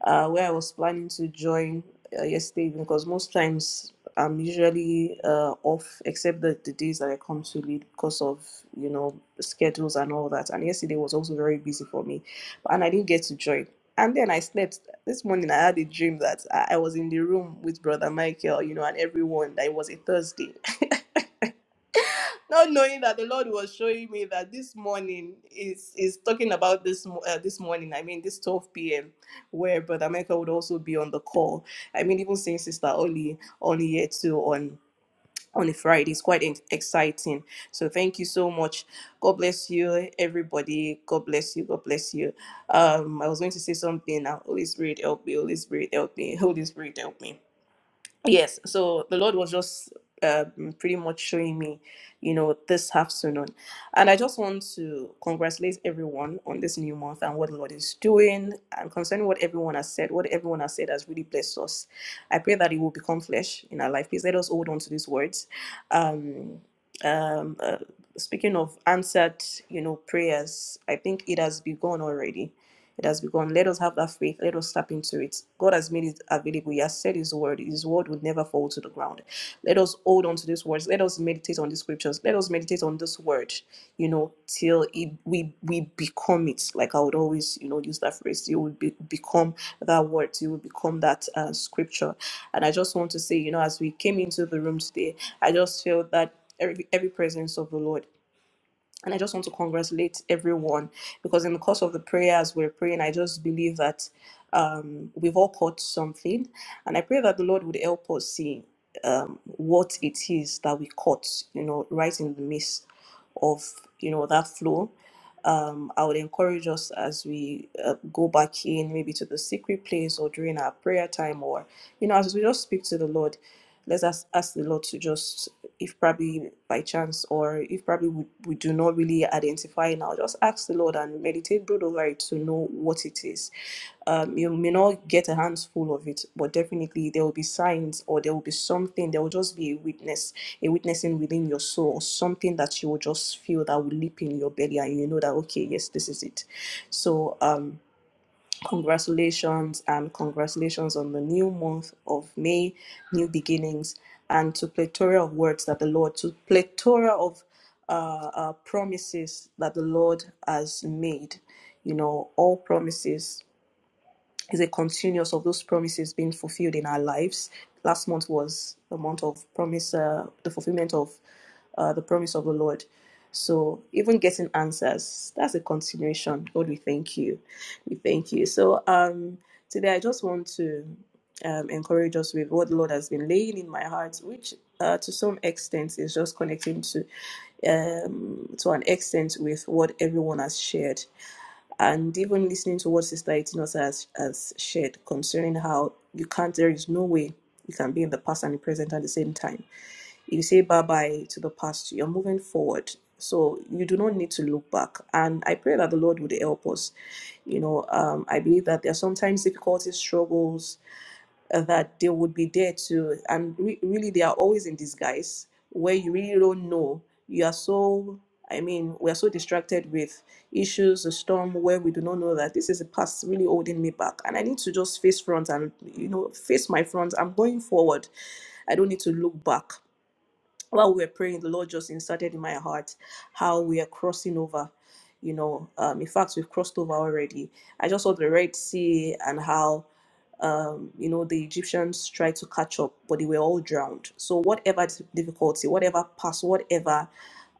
uh, where I was planning to join uh, yesterday because most times I'm usually uh, off except the, the days that I come to lead because of you know schedules and all that. And yesterday was also very busy for me, and I didn't get to join. And then I slept. This morning I had a dream that I I was in the room with Brother Michael, you know, and everyone. That it was a Thursday not knowing that the Lord was showing me that this morning is is talking about this mo- uh, this morning. I mean, this 12 p.m. where Brother Michael would also be on the call. I mean, even seeing Sister Oli on here too on on a Friday is quite ex- exciting. So thank you so much. God bless you, everybody. God bless you. God bless you. Um, I was going to say something now. Holy Spirit help me. Holy Spirit help me. Holy Spirit help me yes so the lord was just um, pretty much showing me you know this afternoon and i just want to congratulate everyone on this new month and what the lord is doing and concerning what everyone has said what everyone has said has really blessed us i pray that it will become flesh in our life please let us hold on to these words um um uh, speaking of answered you know prayers i think it has begun already it has begun. Let us have that faith. Let us step into it. God has made it available. He has said His word. His word would never fall to the ground. Let us hold on to these words. Let us meditate on the scriptures. Let us meditate on this word, you know, till it, we we become it. Like I would always, you know, use that phrase. You will be, become that word. You will become that uh, scripture. And I just want to say, you know, as we came into the room today, I just feel that every every presence of the Lord. And I just want to congratulate everyone because in the course of the prayers we're praying, I just believe that um, we've all caught something. And I pray that the Lord would help us see um, what it is that we caught, you know, right in the midst of, you know, that flow um, I would encourage us as we uh, go back in, maybe to the secret place or during our prayer time, or you know, as we just speak to the Lord, let's ask, ask the Lord to just, if probably by chance or if probably we, we do not really identify now, just ask the Lord and meditate take broad of light to know what it is. Um, you may not get a handful of it, but definitely there will be signs or there will be something, there will just be a witness, a witnessing within your soul, or something that you will just feel that will leap in your belly and you know that, okay, yes, this is it. So, um, congratulations and congratulations on the new month of May, new beginnings, and to plethora of words that the Lord, to plethora of uh, uh, promises that the Lord has made. You know, all promises is a continuous of those promises being fulfilled in our lives. Last month was the month of promise, uh, the fulfillment of uh, the promise of the Lord. So even getting answers, that's a continuation. Lord, we thank you. We thank you. So um, today I just want to um, encourage us with what the Lord has been laying in my heart, which uh, to some extent is just connecting to um, to an extent with what everyone has shared and even listening to what Sister Itinosa has, has shared concerning how you can't, there is no way you can be in the past and the present at the same time. You say bye bye to the past, you're moving forward. So you do not need to look back. And I pray that the Lord would help us. You know, um, I believe that there are sometimes difficulties, struggles, uh, that they would be there too. And re- really, they are always in disguise where you really don't know. You are so, I mean, we are so distracted with issues, a storm where we do not know that this is the past really holding me back. And I need to just face front and, you know, face my front. I'm going forward. I don't need to look back while we were praying, the Lord just inserted in my heart how we are crossing over. You know, um, in fact, we've crossed over already. I just saw the Red Sea and how, um, you know, the Egyptians tried to catch up, but they were all drowned. So, whatever difficulty, whatever past, whatever,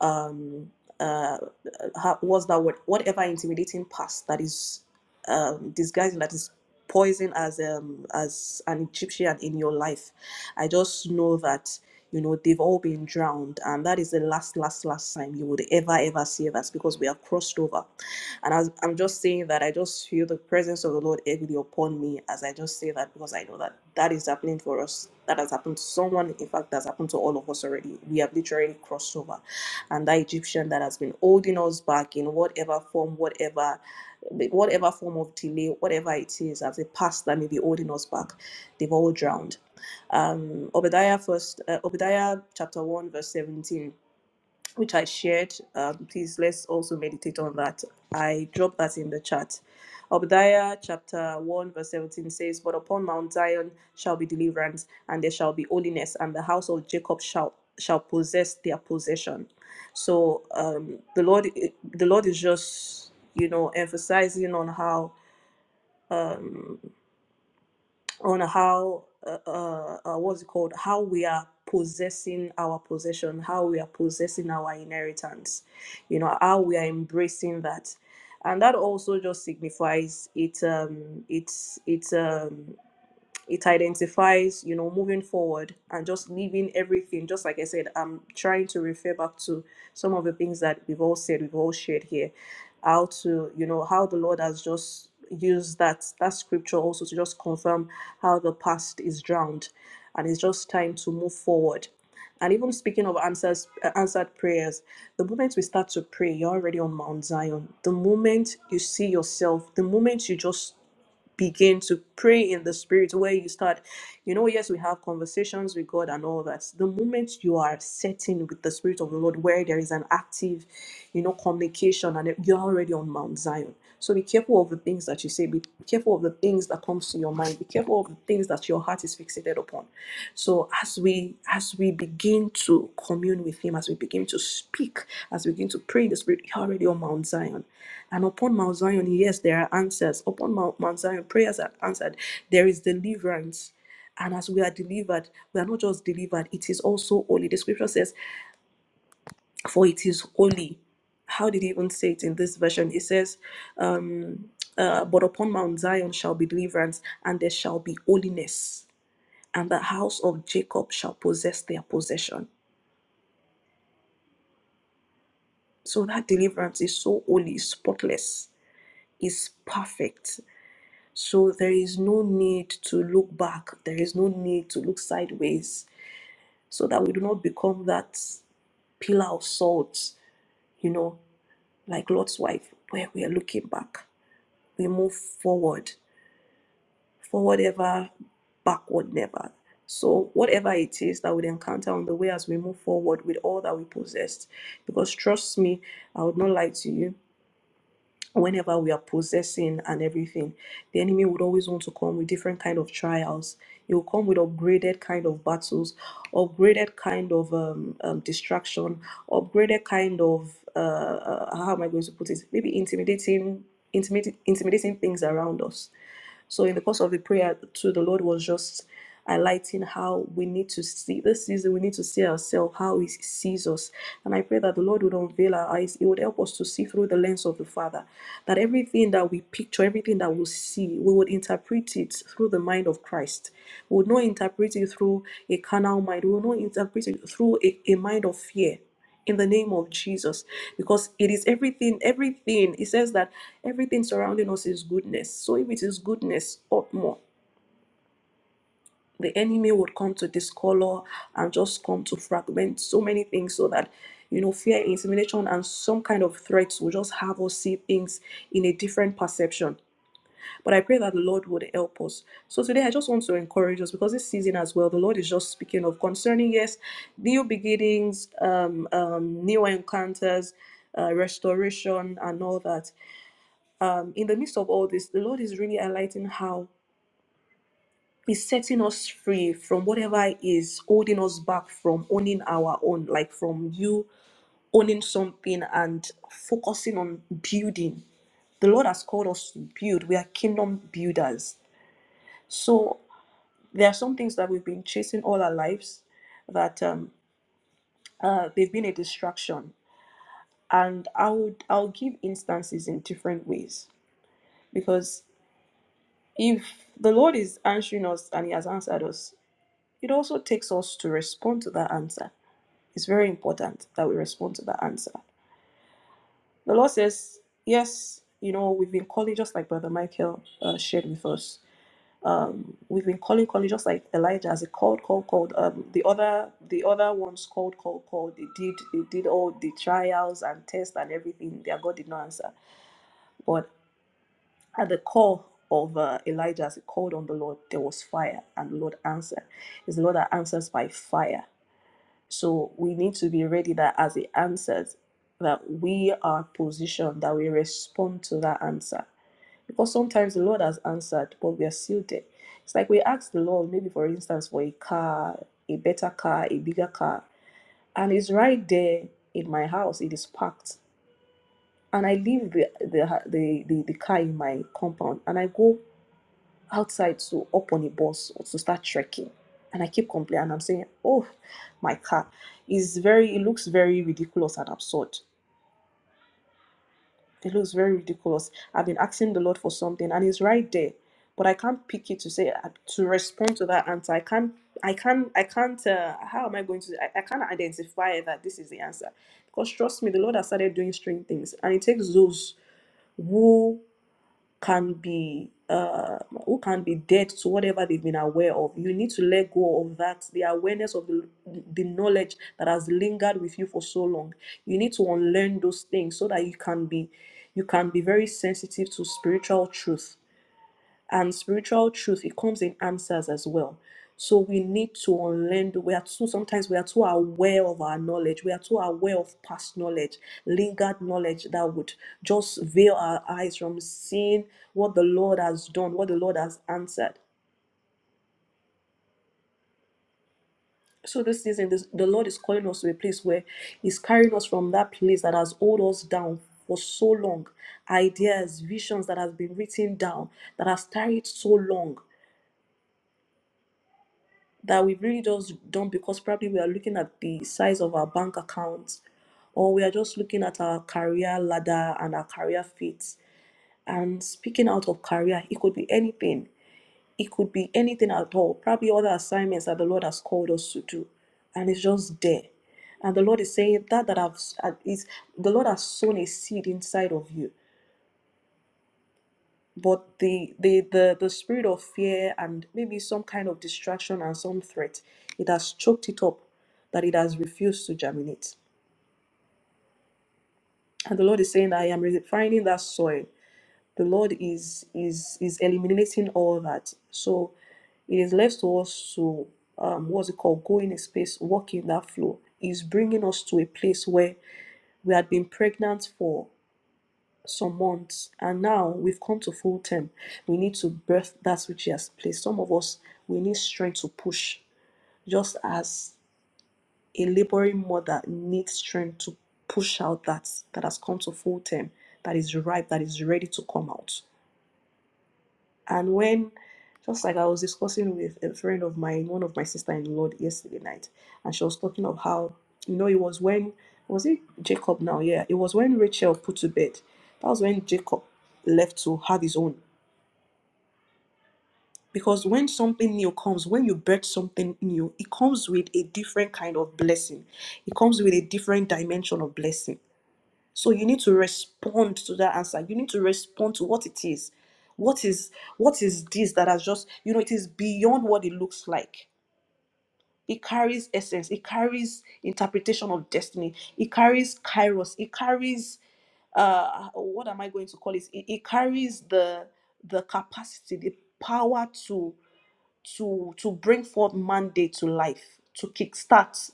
um, uh, ha- what's that word? Whatever intimidating past that is um, disguising, that is poison as um, as an Egyptian in your life, I just know that you know they've all been drowned and that is the last last last time you would ever ever save us because we have crossed over and as i'm just saying that i just feel the presence of the lord heavily upon me as i just say that because i know that that is happening for us that has happened to someone in fact that's happened to all of us already we have literally crossed over and that egyptian that has been holding us back in whatever form whatever whatever form of delay whatever it is as a past that may be holding us back they've all drowned um, Obadiah first, uh, Obadiah chapter one verse seventeen, which I shared. Um, please let's also meditate on that. I dropped that in the chat. Obadiah chapter one verse seventeen says, "But upon Mount Zion shall be deliverance, and there shall be holiness, and the house of Jacob shall shall possess their possession." So um, the Lord, the Lord is just you know emphasizing on how um, on how uh, uh, uh, what's it called how we are possessing our possession how we are possessing our inheritance you know how we are embracing that and that also just signifies it um it's it's um it identifies you know moving forward and just leaving everything just like i said i'm trying to refer back to some of the things that we've all said we've all shared here how to you know how the lord has just used that that scripture also to just confirm how the past is drowned and it's just time to move forward and even speaking of answers, uh, answered prayers, the moment we start to pray, you're already on Mount Zion. The moment you see yourself, the moment you just begin to pray in the spirit where you start you know yes we have conversations with god and all that the moment you are setting with the spirit of the lord where there is an active you know communication and you're already on mount zion so be careful of the things that you say be careful of the things that comes to your mind be careful of the things that your heart is fixated upon so as we as we begin to commune with him, as we begin to speak, as we begin to pray in the spirit, you're already on Mount Zion. And upon Mount Zion, yes, there are answers. Upon Mount, Mount Zion, prayers are answered. There is deliverance. And as we are delivered, we are not just delivered, it is also holy. The scripture says, For it is holy. How did he even say it in this version? It says, um, uh, But upon Mount Zion shall be deliverance, and there shall be holiness and the house of Jacob shall possess their possession. So that deliverance is so holy, spotless, is perfect. So there is no need to look back, there is no need to look sideways, so that we do not become that pillar of salt, you know, like Lot's wife, where we are looking back. We move forward for whatever backwardness. So, whatever it is that we encounter on the way as we move forward with all that we possess, because trust me, I would not lie to you. Whenever we are possessing and everything, the enemy would always want to come with different kind of trials. He will come with upgraded kind of battles, upgraded kind of um, um, distraction, upgraded kind of uh, uh, how am I going to put it? Maybe intimidating, intimidating, intimidating things around us. So in the course of the prayer, too, the Lord was just highlighting how we need to see this season. We need to see ourselves how He sees us, and I pray that the Lord would unveil our eyes. He would help us to see through the lens of the Father, that everything that we picture, everything that we see, we would interpret it through the mind of Christ. We would not interpret it through a carnal mind. We would not interpret it through a, a mind of fear in the name of Jesus because it is everything everything it says that everything surrounding us is goodness so if it is goodness up more the enemy would come to discolor and just come to fragment so many things so that you know fear intimidation and some kind of threats will just have us see things in a different perception but I pray that the Lord would help us. So today I just want to encourage us because this season as well, the Lord is just speaking of concerning, yes, new beginnings, um, um, new encounters, uh, restoration, and all that. Um, in the midst of all this, the Lord is really highlighting how He's setting us free from whatever is holding us back from owning our own, like from you owning something and focusing on building. The Lord has called us to build. We are kingdom builders. So There are some things that we've been chasing all our lives that um, uh, they've been a distraction. And I would I'll give instances in different ways because if the Lord is answering us and He has answered us, it also takes us to respond to that answer. It's very important that we respond to that answer. The Lord says, yes, you know, we've been calling just like Brother Michael uh, shared with us. um we've been calling calling just like elijah as he called called called um the other the other ones called called called they did they did all the trials and tests and everything their god did not answer but at the call of uh, elijah as he called on the lord there was fire and the lord answered it's the lord that answers by fire so we need to be ready that as he answers that we are positioned that we respond to that answer because sometimes the Lord has answered, but we are still there. It's like we ask the Lord, maybe for instance, for a car, a better car, a bigger car, and it's right there in my house. It is parked, and I leave the the the, the, the car in my compound, and I go outside to up on a bus or to start trekking, and I keep complaining. I'm saying, "Oh, my car is very. It looks very ridiculous and absurd." It looks very ridiculous. I've been asking the Lord for something and it's right there. But I can't pick it to say uh, to respond to that answer. I can't I can't I can't uh, how am I going to I, I can't identify that this is the answer. Because trust me, the Lord has started doing strange things and it takes those who can be uh, who can be dead to whatever they've been aware of. You need to let go of that, the awareness of the, the knowledge that has lingered with you for so long. You need to unlearn those things so that you can be you can be very sensitive to spiritual truth and spiritual truth it comes in answers as well so we need to unlearn we are too sometimes we are too aware of our knowledge we are too aware of past knowledge lingered knowledge that would just veil our eyes from seeing what the lord has done what the lord has answered so this season this, the lord is calling us to a place where he's carrying us from that place that has hold us down for so long ideas visions that has been written down that has tarried so long that we've really just done because probably we are looking at the size of our bank account or we are just looking at our career ladder and our career fit. And speaking out of career, it could be anything. It could be anything at all. Probably other assignments that the Lord has called us to do. And it's just there. And the Lord is saying that that I've uh, is the Lord has sown a seed inside of you but the, the the the spirit of fear and maybe some kind of distraction and some threat it has choked it up that it has refused to germinate and the lord is saying i am refining that soil the lord is is is eliminating all that so it is left to us to um what's it called go in a space walk in that flow is bringing us to a place where we had been pregnant for some months and now we've come to full term we need to birth that which he has placed some of us we need strength to push just as a laboring mother needs strength to push out that that has come to full term that is ripe that is ready to come out and when, just like I was discussing with a friend of mine, one of my sister in law yesterday night, and she was talking of how, you know, it was when, was it Jacob now? Yeah, it was when Rachel put to bed. That was when Jacob left to have his own. Because when something new comes, when you birth something new, it comes with a different kind of blessing. It comes with a different dimension of blessing. So you need to respond to that answer. You need to respond to what it is. What is what is this that has just you know it is beyond what it looks like. It carries essence, it carries interpretation of destiny, it carries kairos, it carries uh what am I going to call it? It, it carries the the capacity, the power to to to bring forth mandate to life, to kickstart.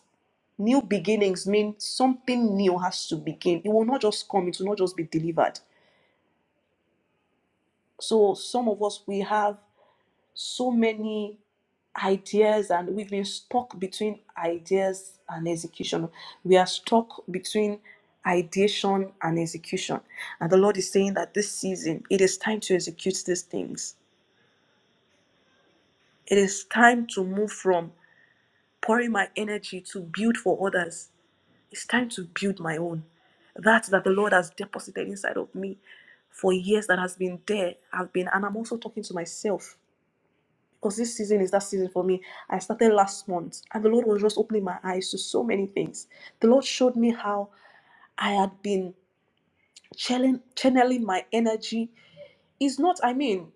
New beginnings mean something new has to begin. It will not just come, it will not just be delivered. So, some of us, we have so many ideas and we've been stuck between ideas and execution. We are stuck between ideation and execution. And the Lord is saying that this season, it is time to execute these things. It is time to move from pouring my energy to build for others It's time to build my own. That that the Lord has deposited inside of me for years that has been there. I've been, and I'm also talking to myself because this season is that season for me. I started last month, and the Lord was just opening my eyes to so many things. The Lord showed me how I had been channeling, channeling my energy. Is not, I mean,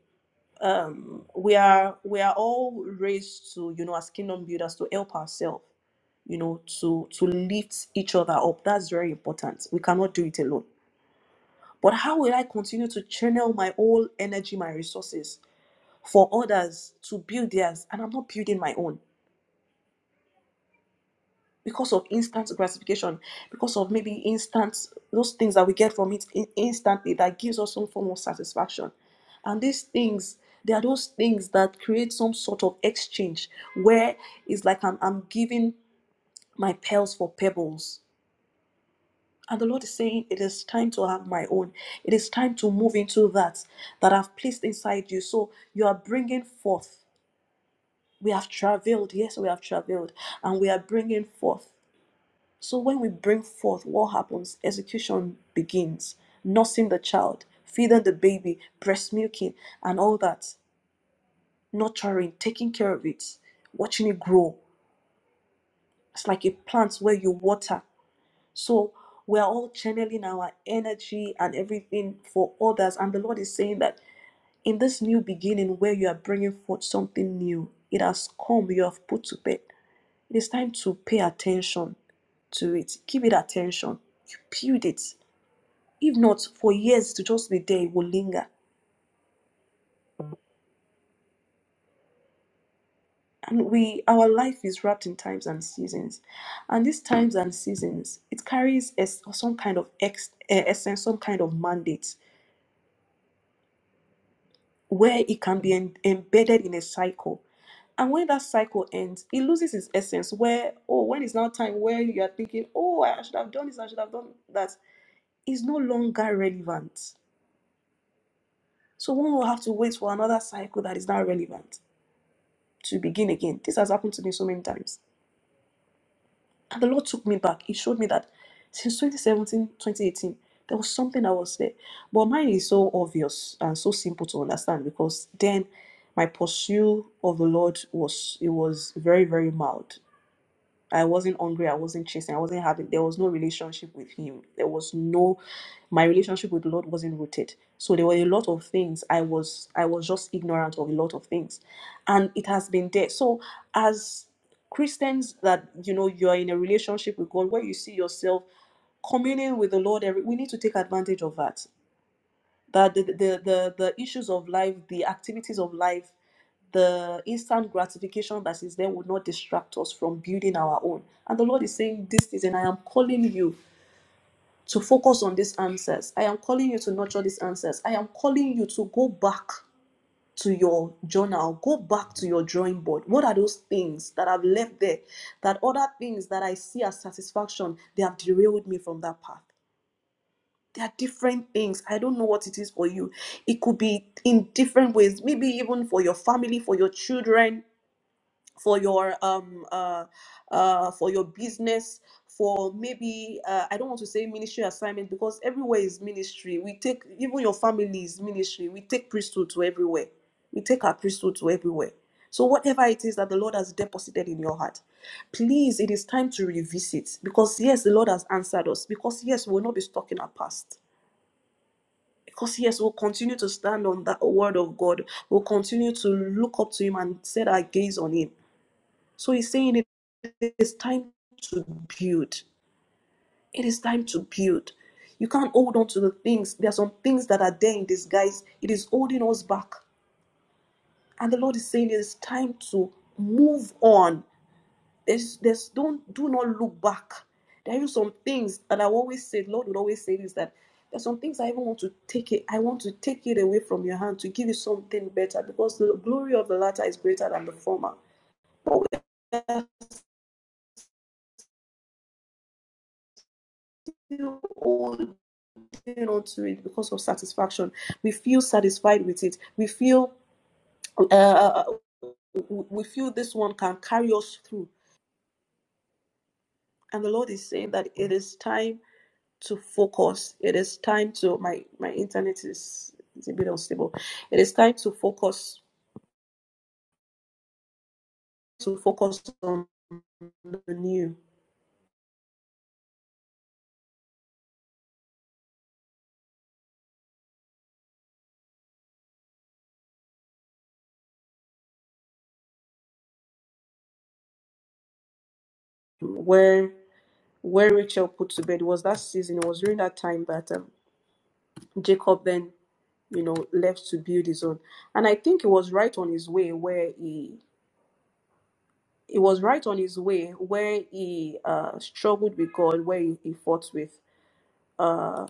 um, we are we are all raised to, you know, as kingdom builders to help ourselves you know to to lift each other up that's very important we cannot do it alone But how will I continue to channel my whole energy, my resources for others to build theirs? And I'm not building my own because of instant gratification, because of maybe instant, those things that we get from it in- instantly that gives us some form of satisfaction. And these things, they are those things that create some sort of exchange where it's like I'm, I'm giving my pearls for pebbles And the Lord is saying, It is time to have my own. It is time to move into that that I've placed inside you. So you are bringing forth. We have traveled. Yes, we have traveled. And we are bringing forth. So when we bring forth, what happens? Execution begins. Nursing the child, feeding the baby, breast milking, and all that. Nurturing, taking care of it, watching it grow. It's like a plant where you water So we're all channeling our energy and everything for others. And the Lord is saying that in this new beginning where you are bringing forth something new, it has come, you have put to bed. It is time to pay attention to it. Give it attention. You build it. If not, for years to just be there, it will linger. And we, our life is wrapped in times and seasons, and these times and seasons, it carries es- some kind of ex, eh, essence, some kind of mandate where it can be en- embedded in a cycle. And when that cycle ends, it loses its essence. Where, oh, when it's now time where you are thinking, oh, I should have done this, I should have done that, is no longer relevant. So one will have to wait for another cycle that is now relevant to begin again. This has happened to me so many times. And the Lord took me back. He showed me that since 2017, 2018, there was something that was there. But mine is so obvious and so simple to understand because then my pursuit of the Lord was it was very, very mild. I wasn't hungry. I wasn't chasing. I wasn't having. There was no relationship with Him. There was no. My relationship with the Lord wasn't rooted. So there were a lot of things. I was. I was just ignorant of a lot of things, and it has been there. So as Christians, that you know, you are in a relationship with God where you see yourself communing with the Lord. Every we need to take advantage of that that the, the the the issues of life the activities of life the instant gratification that is there would not distract us from building our own and the lord is saying this season i am calling you to focus on these answers i am calling you to nurture these answers i am calling you to go back to your journal go back to your drawing board what are those things that i've left there that other things that i see as satisfaction they have derailed me from that path there are different things. I don't know what it is for you. It could be in different ways, maybe even for your family, for your children, for your um uh uh for your business, for maybe uh, I don't want to say ministry assignment because everywhere is ministry. We take even your family is ministry. We take priesthood to everywhere. We take our priesthood to everywhere. So whatever it is that the Lord has deposited in your heart, please, it is time to revisit because yes, the Lord has answered us. Because yes, we will not be stuck in our past because yes, we'll continue to stand on that word of God. We'll continue to look up to Him and set our gaze on Him. So He's saying it is time to build. It is time to build. You can't hold on to the things. There are some things that are there in disguise. It is holding us back. And the Lord is saying it is time to move on There's, there's don't do not look back. There are some things, and I always say, Lord would always say this that there's some things I even want to take it. I want to take it away from your hand to give you something better, because the glory of the latter is greater than the former. But we feel holding on to it because of satisfaction. We feel satisfied with it. We feel uh, uh, uh, we feel this one can carry us through. And the Lord is saying that it is time to focus. It is time to my my internet is is a bit unstable. It is time to focus to focus on the new where where Rachel put to bed it was that season. It was during that time that um, Jacob then you know left to build his own, and I think it was right on his way where he. It was right on his way where he uh, struggled with God, where he, he fought with uh,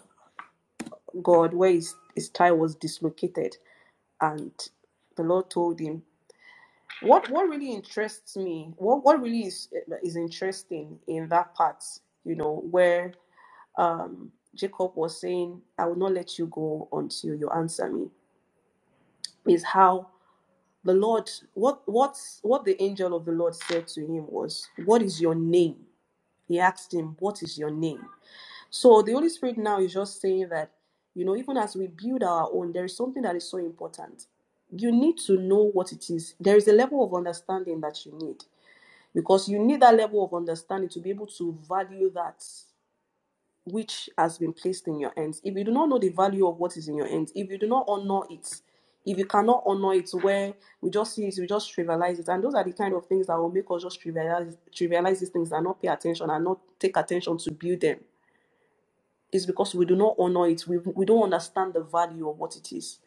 God, where his, his tie was dislocated, and the Lord told him what what really interests me what what really is eh, is interesting in that part you know where um jacob was saying i will not let you go until you answer me is how the lord what what's what the angel of the lord said to him was what is your name he asked him what is your name so the holy spirit now is just saying that you know even as we build our own there is something that is so important you need to know what it is there is a level of understanding that you need because you need that level of understanding to be able to value that which has been placed in your hands. If you do not know the value of what is in your hands, if you do not honor it, if you cannot honor it, where we just see it, we just trivialize it, and those are the kind of things that will make us just trivialize trivialize these things and not pay attention and not take attention to build them. It's because we do not honor it. We we don't understand the value of what it is.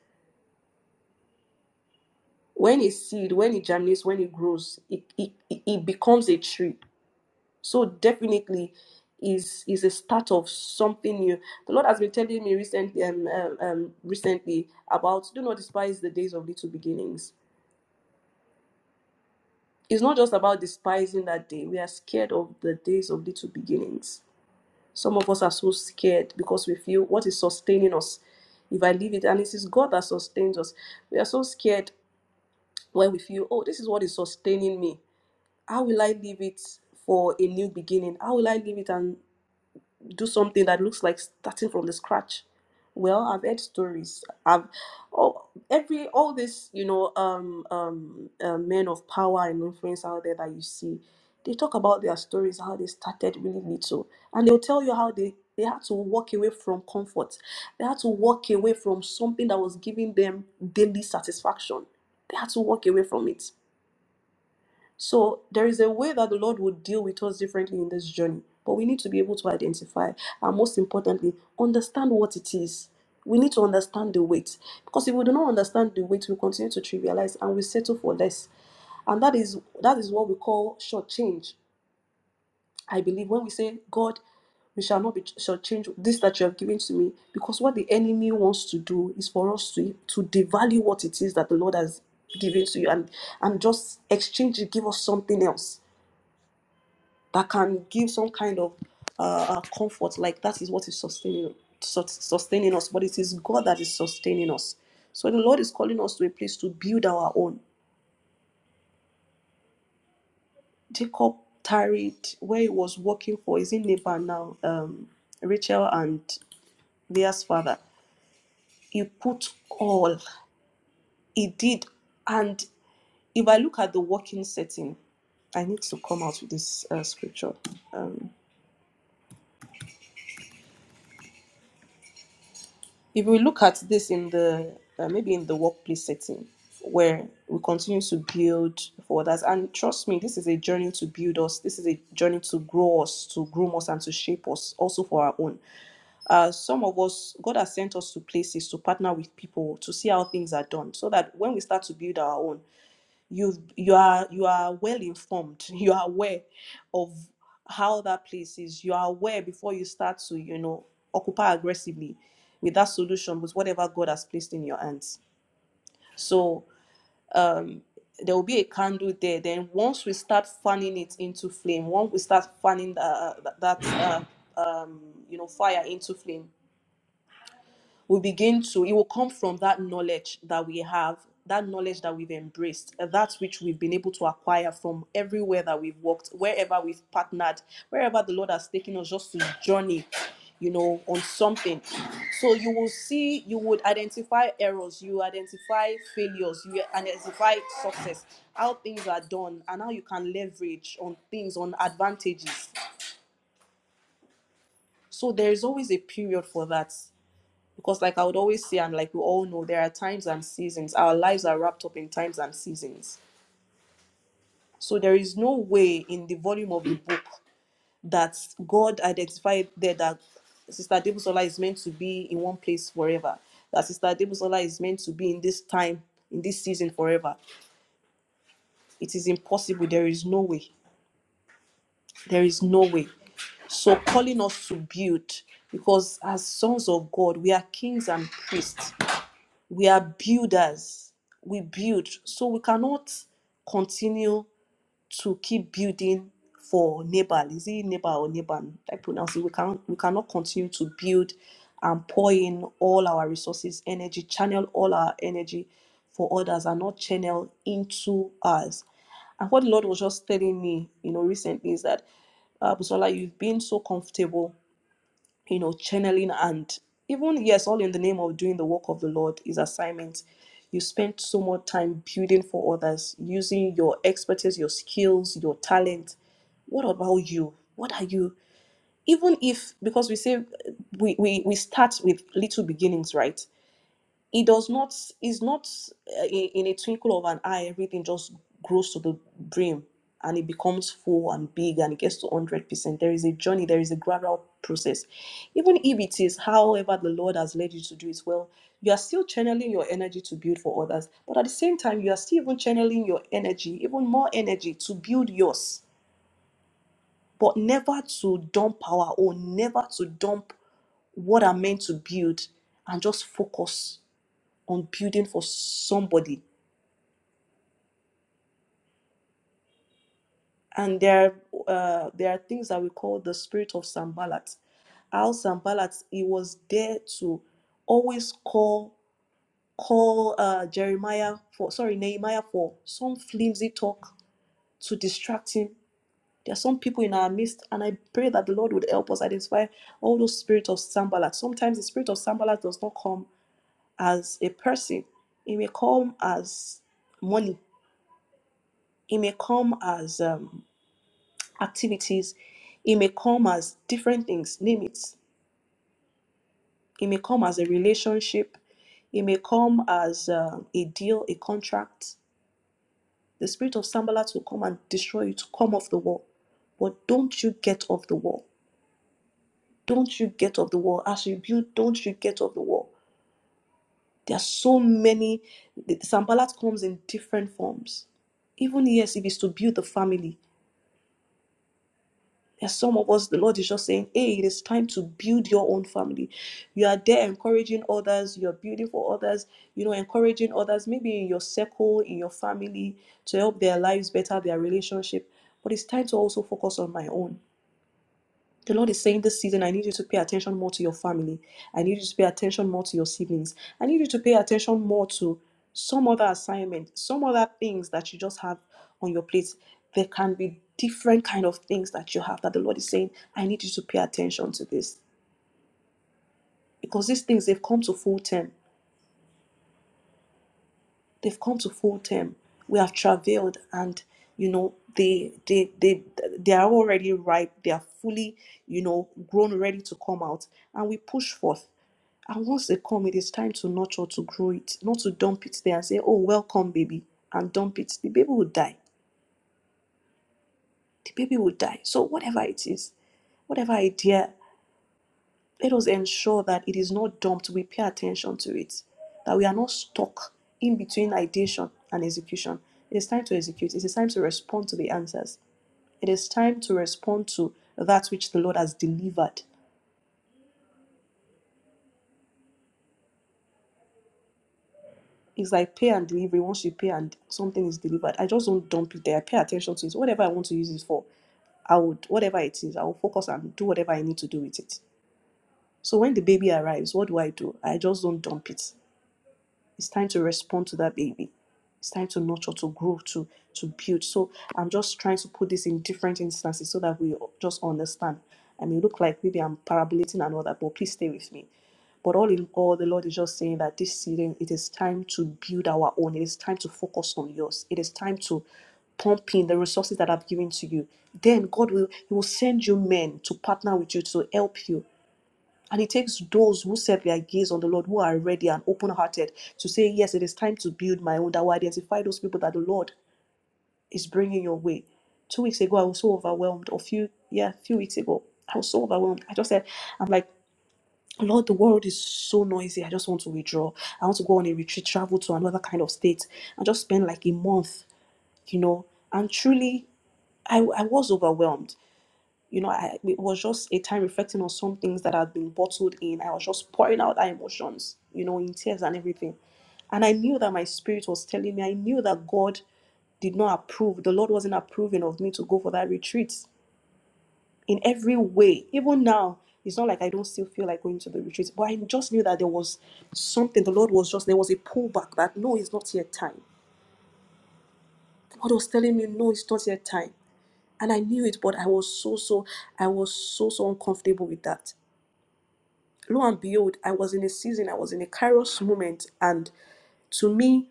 When a seed, when it germinates, when it grows, it it, it it becomes a tree So definitely is is a start of something new. The Lord has been telling me recently um, um, um, recently about do not despise the days of little beginnings. It's not just about despising that day. We are scared of the days of little beginnings. Some of us are so scared because we feel what is sustaining us. If I leave it, and it is God that sustains us. We are so scared when we feel, oh, this is what is sustaining me. How will I leave it for a new beginning? How will I leave it and do something that looks like starting from the scratch well i've heard stories i've all every all this you know um um uh, men of power and influence out there that you see they talk about their stories how they started really little and they'll tell you how they they had to walk away from comfort they had to walk away from something that was giving them daily satisfaction they had to walk away from it so there is a way that the Lord will deal with us differently in this journey, but we need to be able to identify and most importantly, understand what it is. We need to understand the weight because if we do not understand the weight, we continue to trivialize and we settle for less. And that is that is what we call short change. I believe when we say God, we shall not be shortchanged this that you have given to me, because what the enemy wants to do is for us to to devalue what it is that the Lord has given to you and and just exchange it, give us something else that can give some kind of uh, uh, comfort like that is what is sustaining sus- sustaining us but it is god that is sustaining us so the lord is calling us to a place to build our own jacob tarried where he was working for is in neighbor now um, rachel and leah's father he put all he did and if i look at the working setting i need to come out with this uh, scripture Um, if we look at this in the uh, maybe in the workplace setting where we continue to build for others and trust me this is a journey to build us this is a journey to grow us to groom us and to shape us also for our own uh, some of us god has sent us to places to partner with people to see how things are done so that when we start to build our own you've you are you are well informed you are aware of how that place is you are aware before you start to you know occupy aggressively with that solution with whatever god has placed in your hands so um there will be a candle there then once we start fanning it into flame once we start fanning the, that uh, um you know fire into flame we begin to it will come from that knowledge that we have that knowledge that we've embraced uh, that which we've been able to acquire from everywhere that we've worked wherever we've partnered wherever the lord has taken us just to journey you know on something so you will see you would identify errors you identify failures you identify success how things are done and how you can leverage on things on advantages so there is always a period for that because like i would always say and like we all know there are times and seasons our lives are wrapped up in times and seasons so there is no way in the volume of the book that god identified there that sister debusola is meant to be in one place forever that sister debusola is meant to be in this time in this season forever it is impossible there is no way there is no way so calling us to build because as sons of god we are kings and priests We are builders. We build. So we cannot continue to keep building for neighbor. Is it neighbor or neighbor? I pronounce it. We can we cannot continue to build and pour in all our resources, energy, channel all our energy for others and not channel into us. And what the Lord was just telling me, you know, recently is that uh, Busola, you've been so comfortable you know, channeling and even yes, all in the name of doing the work of the Lord is assignment. You spend so much time building for others, using your expertise, your skills, your talent. What about you? What are you? Even if because we say we, we, we start with little beginnings, right? it does not It's not uh, in, in a twinkle of an eye everything just grows to the brim and it becomes full and big and it gets to 100% there is a journey there is a gradual process even if it is however the lord has led you to do it well you are still channeling your energy to build for others but at the same time you are still even channeling your energy even more energy to build yours but never to dump power or never to dump what i'm meant to build and just focus on building for somebody. And there, are, uh, there are things that we call the spirit of Sambalat. How Sambalat, he was there to always call call uh, Jeremiah for sorry Nehemiah for some flimsy talk to distract him. There are some people in our midst, and I pray that the Lord would help us identify all those spirits of Sambalat. Sometimes the spirit of Sambalat does not come as a person; it may come as money. It may come as um, activities. It may come as different things, name it. It may come as a relationship. It may come as uh, a deal, a contract. The spirit of Sambalat will come and destroy you to come off the wall. But don't you get off the wall. Don't you get off the wall. As you build, don't you get off the wall. There are so many. the- Sambalat comes in different forms. Even yes, if it's to build the family, And some of us, the Lord is just saying, hey, it is time to build your own family. You are there encouraging others, you're building for others, you know, encouraging others, maybe in your circle, in your family, to help their lives better, their relationship. But it's time to also focus on my own. The Lord is saying this season, I need you to pay attention more to your family. I need you to pay attention more to your siblings. I need you to pay attention more to some other assignment, some other things that you just have on your plate. There can be different kind of things that you have that the Lord is saying, I need you to pay attention to this. Because these things they've come to full term. they've come to full term. We have travailed, and you know they they they they are already ripe. They are fully you know grown, ready to come out, and we push forth. And once they come, it is time to nurture, to grow it, not to dump it there and say, "Oh, welcome, baby," and dump it. The baby will die. The baby will die. So whatever it is, whatever idea. Let us ensure that it is not dumped. We pay attention to it, that we are not stuck in between ideation and execution. It is time to execute. It is time to respond to the answers. It is time to respond to that which the Lord has delivered. It's like pay and delivery. Once you pay and something is delivered, I just don't dump it there. I pay attention to it. Whatever I want to use it for, I would, whatever it is, I will focus and do whatever I need to do with it. So when the baby arrives, what do I do? I just don't dump it. It's time to respond to that baby. It's time to nurture, to grow, to to build. So I'm just trying to put this in different instances so that we just understand. I mean, look like maybe I'm parabolating and all that, but please stay with me. But all in all, the Lord is just saying that this season, it is time to build our own. It is time to focus on yours. It is time to pump in the resources that I've given to you. Then God will He will send you men to partner with you to help you and it takes those who set their gaze on the Lord, who are ready and open hearted to say, Yes, it is time to build my own. That will identify those people that the Lord is bringing your way. Two weeks ago, I was so overwhelmed. Or few, yeah, a few weeks ago, I was so overwhelmed. I just said, I'm like, Lord, the world is so noisy. I just want to withdraw. I want to go on a retreat, travel to another kind of state, and just spend like a month, you know. And truly, I, I was overwhelmed you know, I, it was just a time reflecting on some things that had been bottled in. I was just pouring out our emotions, you know, in tears and everything. And I knew that my spirit was telling me, I knew that God did not approve. The Lord wasn't approving of me to go for that retreat in every way. Even now, it's not like I don't still feel like going to the retreat, but I just knew that there was something. The Lord was just, there was a pullback that no, it's not yet time. God was telling me, no, it's not yet time. And I knew it, but I was so, so, I was so, so uncomfortable with that. lo and behold, I was in a season, I was in a kairos moment. And to me,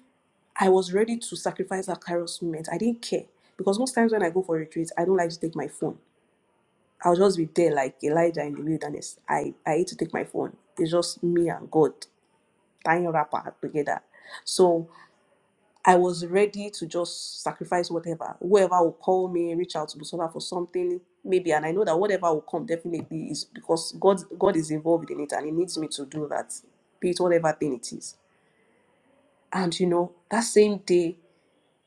I was ready to sacrifice that kairos moment. I didn't care. Because most times when I go for retreats, I don't like to take my phone. I'll just be there like Elijah in the wilderness. I, I hate to take my phone. It's just me and God, tying wrapper together. So I was ready to just sacrifice whatever. Whoever will call me, reach out to Busola for something, maybe. And I know that whatever will come definitely is because God God is involved in it and He needs me to do that, be it whatever thing it is. And you know, that same day,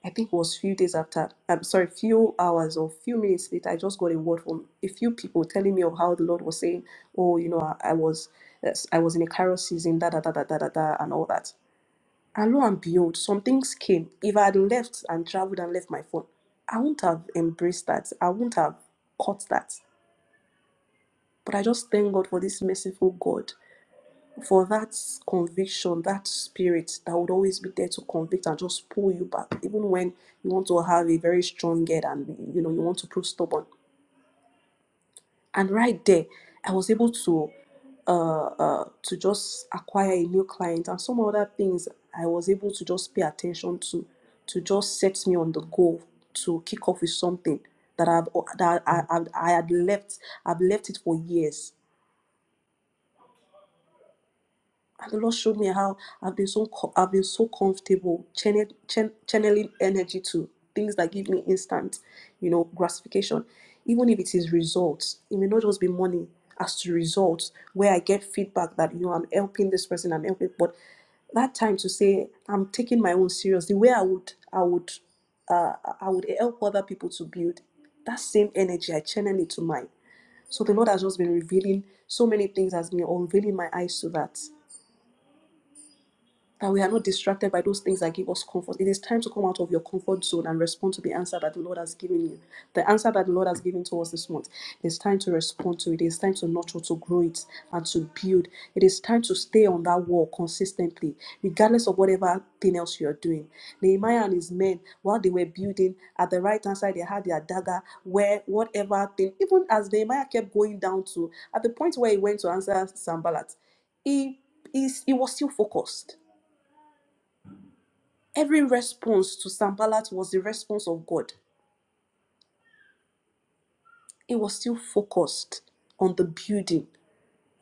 I think it was few days after, I'm sorry, few hours or few minutes later, I just got a word from a few people telling me of how the Lord was saying, Oh, you know, I, I was yes, I was in a Kairos season, da da da da da da da, and all that. And lo and behold, some things came. If I had left and traveled and left my phone, I wouldn't have embraced that. I wouldn't have caught that. But I just thank God for this merciful God, for that conviction, that spirit that would always be there to convict and just pull you back, even when you want to have a very strong head and you know you want to prove stubborn. and right there i was able to uh, uh, to just acquire a new client and some other things i was able to just pay attention to to just set me on the goal to kick off with something that i've that i, I, I had left i've left it for years And the Lord showed me how I've been so co- I've been so comfortable channel, chan- channeling energy to things that give me instant, you know, gratification. Even if it is results, it may not just be money as to results where I get feedback that you know I'm helping this person, I'm helping, but that time to say I'm taking my own serious. The way I would I would uh, I would help other people to build that same energy. I channel it to mine. So the Lord has just been revealing so many things, has been unveiling my eyes to that that we are not distracted by those things that give us comfort. It is time to come out of your comfort zone and respond to the answer that the Lord has given you. The answer that the Lord has given to us this month. It is time to respond to it. It is time to nurture, to grow it, and to build. It is time to stay on that wall consistently, regardless of whatever thing else you are doing. Nehemiah and his men, while they were building, at the right hand side, they had their dagger, where whatever thing, even as Nehemiah kept going down to, at the point where he went to answer Sambalat, he, he, he was still focused Every response to Sambalat was the response of God. It was still focused on the building.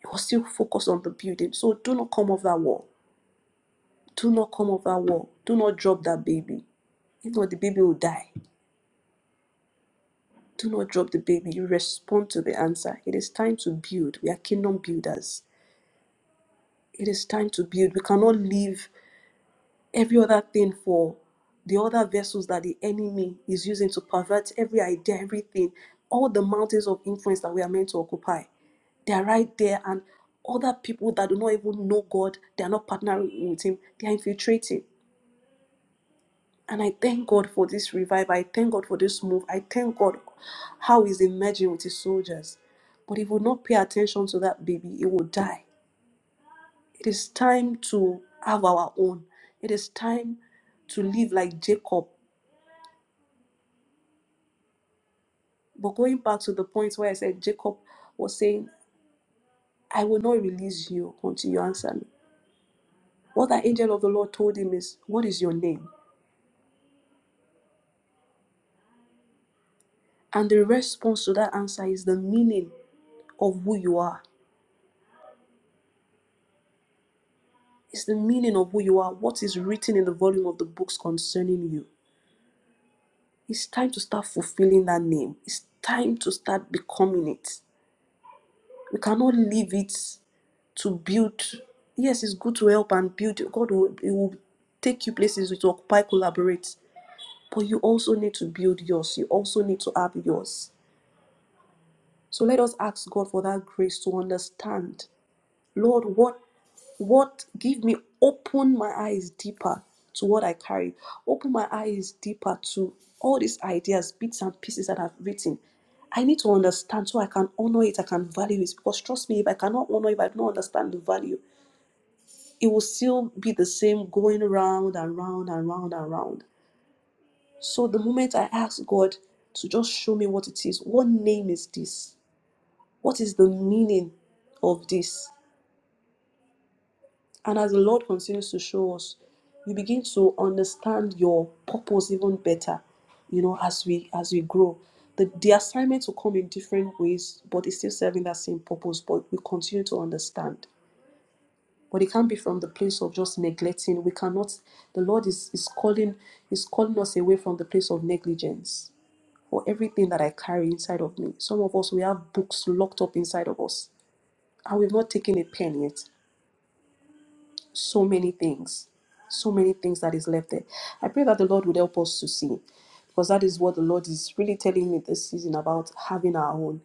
It was still focused on the building. So do not come off that wall. Do not come off that wall. Do not drop that baby. If not, the baby will die. Do not drop the baby. You respond to the answer. It is time to build. We are kingdom builders. It is time to build. We cannot live every other thing for the other vessels that the enemy is using to pervert every idea, everything, all the mountains of influence that we are meant to occupy. They are right there, and other people that do not even know God, they are not partnering with Him, they are infiltrating. And I thank God for this revival. I thank God for this move. I thank God how He's emerging with His soldiers. But if we will not pay attention to that baby, it will die. It is time to have our own. It is time to live like Jacob But going back to the point where I said Jacob was saying, I will not release you until you answer me. What the angel of the Lord told him is, What is your name? And the response to that answer is the meaning of who you are. It's the meaning of who you are, what is written in the volume of the books concerning you. It's time to start fulfilling that name. It's time to start becoming it. We cannot leave it to build. Yes, it's good to help and build. God will, it will take you places to occupy, collaborate. But you also need to build yours. You also need to have yours. So let us ask God for that grace to understand. Lord, what what give me open my eyes deeper to what I carry. Open my eyes deeper to all these ideas, bits and pieces that I've written. I need to understand so I can honor it, I can value it. Because trust me, if I cannot honor, if I don't understand the value, it will still be the same going round and round and round and round. So the moment I ask God to just show me what it is, what name is this? What is the meaning of this? And as the Lord continues to show us, you begin to understand your purpose even better, you know, as we as we grow. The, the assignments will come in different ways, but it's still serving that same purpose, but we continue to understand. But it can't be from the place of just neglecting. We cannot the Lord is, is calling is calling us away from the place of negligence for everything that I carry inside of me. Some of us, we have books locked up inside of us, and we've not taken a pen yet. So many things, so many things that is left there. I pray that the Lord would help us to see, because that is what the Lord is really telling me this season about having our own.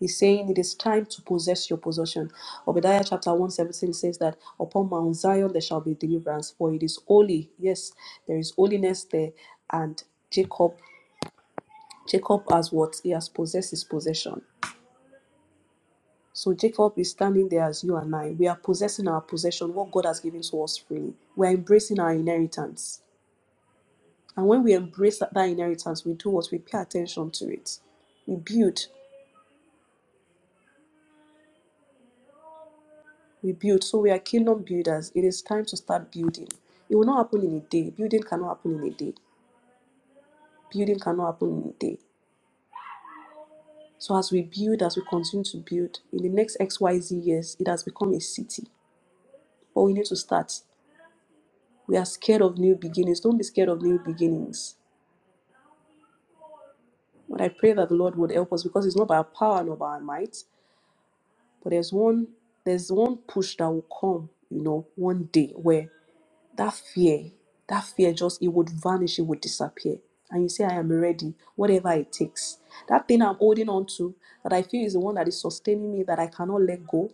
He's saying it is time to possess your possession. Obadiah chapter 117 says that upon Mount Zion there shall be deliverance, for it is holy. Yes, there is holiness there, and Jacob, Jacob has what? He has possessed his possession. So Jacob is standing there as you and I. We are possessing our possession, what God has given to us freely. We are embracing our inheritance. And when we embrace that that inheritance, we do what? We pay attention to it. We build. We build. So we are kingdom builders. It is time to start building. It will not happen in a day. Building cannot happen in a day. Building cannot happen in a day. So as we build, as we continue to build, in the next XYZ years, it has become a city. But we need to start. We are scared of new beginnings. Don't be scared of new beginnings But I pray that the Lord would help us because it's not by our power nor by our might, but there's one there's one push that will come, you know, one day where that fear, that fear just it would vanish, it would disappear. And you say, I am ready, whatever it takes. That thing I'm holding on to that I feel is the one that is sustaining me, that I cannot let go.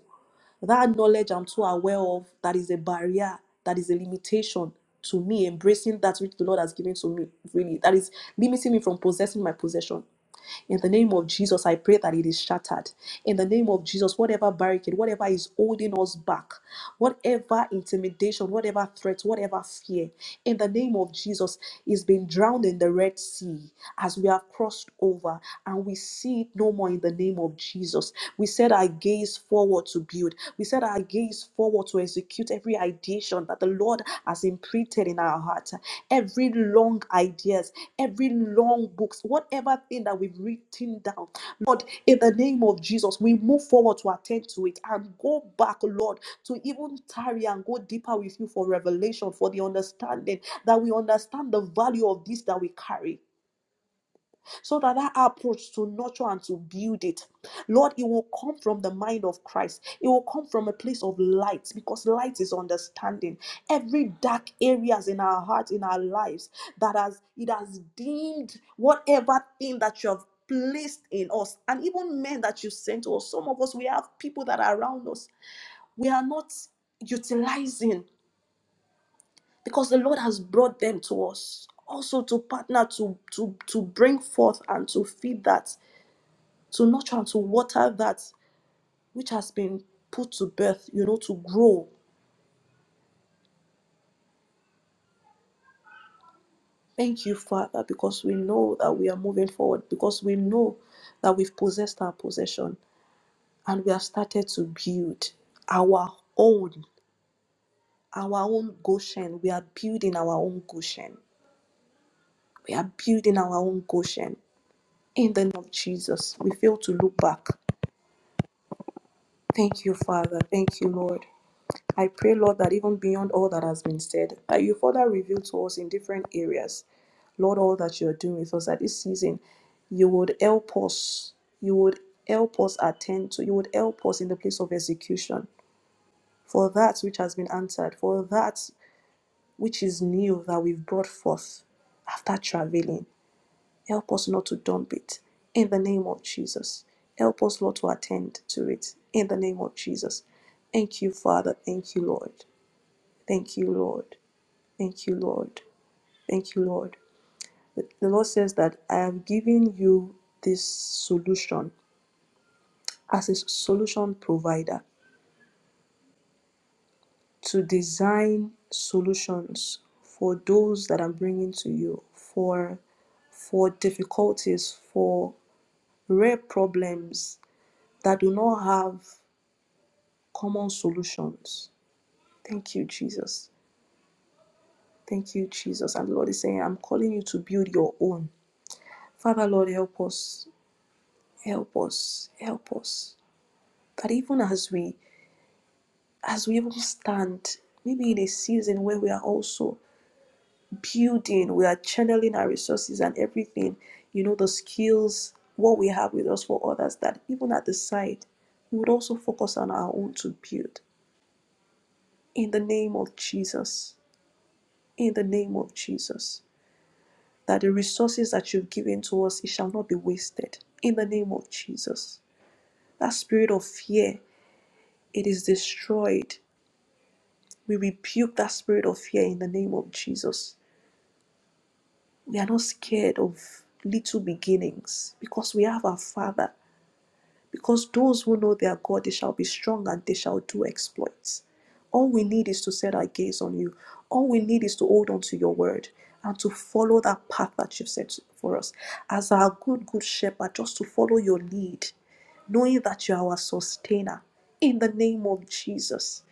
That knowledge I'm too aware of, that is a barrier, that is a limitation to me embracing that which the Lord has given to me, really. That is limiting me from possessing my possession in the name of Jesus, I pray that it is shattered. In the name of Jesus, whatever barricade, whatever is holding us back, whatever intimidation, whatever threat, whatever fear, in the name of Jesus, is being drowned in the Red Sea as we have crossed over and we see it no more in the name of Jesus. We said our gaze forward to build. We set our gaze forward to execute every ideation that the Lord has imprinted in our heart. Every long ideas, every long books, whatever thing that we've written down, Lord, in the name of Jesus, we move forward to attend to it and go back, Lord, to even tarry and go deeper with you for revelation, for the understanding that we understand the value of this that we carry so that that approach to nurture and to build it, Lord, it will come from the mind of Christ. It will come from a place of light because light is understanding. Every dark areas in our hearts, in our lives, that has it has dimmed whatever thing that you have placed in us, and even men that you sent to us. Some of us we have people that are around us. We are not utilizing because the Lord has brought them to us. Also to partner to to to bring forth and to feed that to nurture to water that which has been put to birth, you know, to grow. Thank you, Father, because we know that we are moving forward, because we know that we've possessed our possession and we have started to build our own, our own Goshen. We are building our own Goshen. We are building our own Goshen. In the name of Jesus, we fail to look back. Thank you, Father. Thank you, Lord. I pray, Lord, that even beyond all that has been said, that you further reveal to us in different areas, Lord, all that you're doing with us at this season, you would help us. You would help us attend to, you would help us in the place of execution for that which has been answered, for that which is new that we've brought forth after traveling. Help us not to dump it in the name of Jesus. Help us, Lord, to attend to it in the name of Jesus. Thank you, Father. Thank you, Lord. Thank you, Lord. Thank you, Lord. Thank you, Lord. The the Lord says that I am giving you this solution as a solution provider to design solutions for those that I'm bringing to you for for difficulties, for rare problems that do not have common solutions. Thank you, Jesus. Thank you, Jesus. And the Lord is saying, I'm calling you to build your own. Father, Lord, help us. Help us, help us. That even as we as we even stand, maybe in a season where we are also building, we are channeling our resources and everything, you know, the skills, what we have with us for others, that even at the side, we would also focus on our own to build. In the name of Jesus. In the name of Jesus. That the resources that you've given to us, it shall not be wasted. In the name of Jesus. That spirit of fear, it is destroyed We rebuke that spirit of fear in the name of Jesus. We are not scared of little beginnings because we have our Father. Because those who know their God, they shall be strong and they shall do exploits. All we need is to set our gaze on you. All we need is to hold on to your word and to follow that path that you've set for us. As our good, good shepherd, just to follow your lead, knowing that you are our sustainer in the name of Jesus.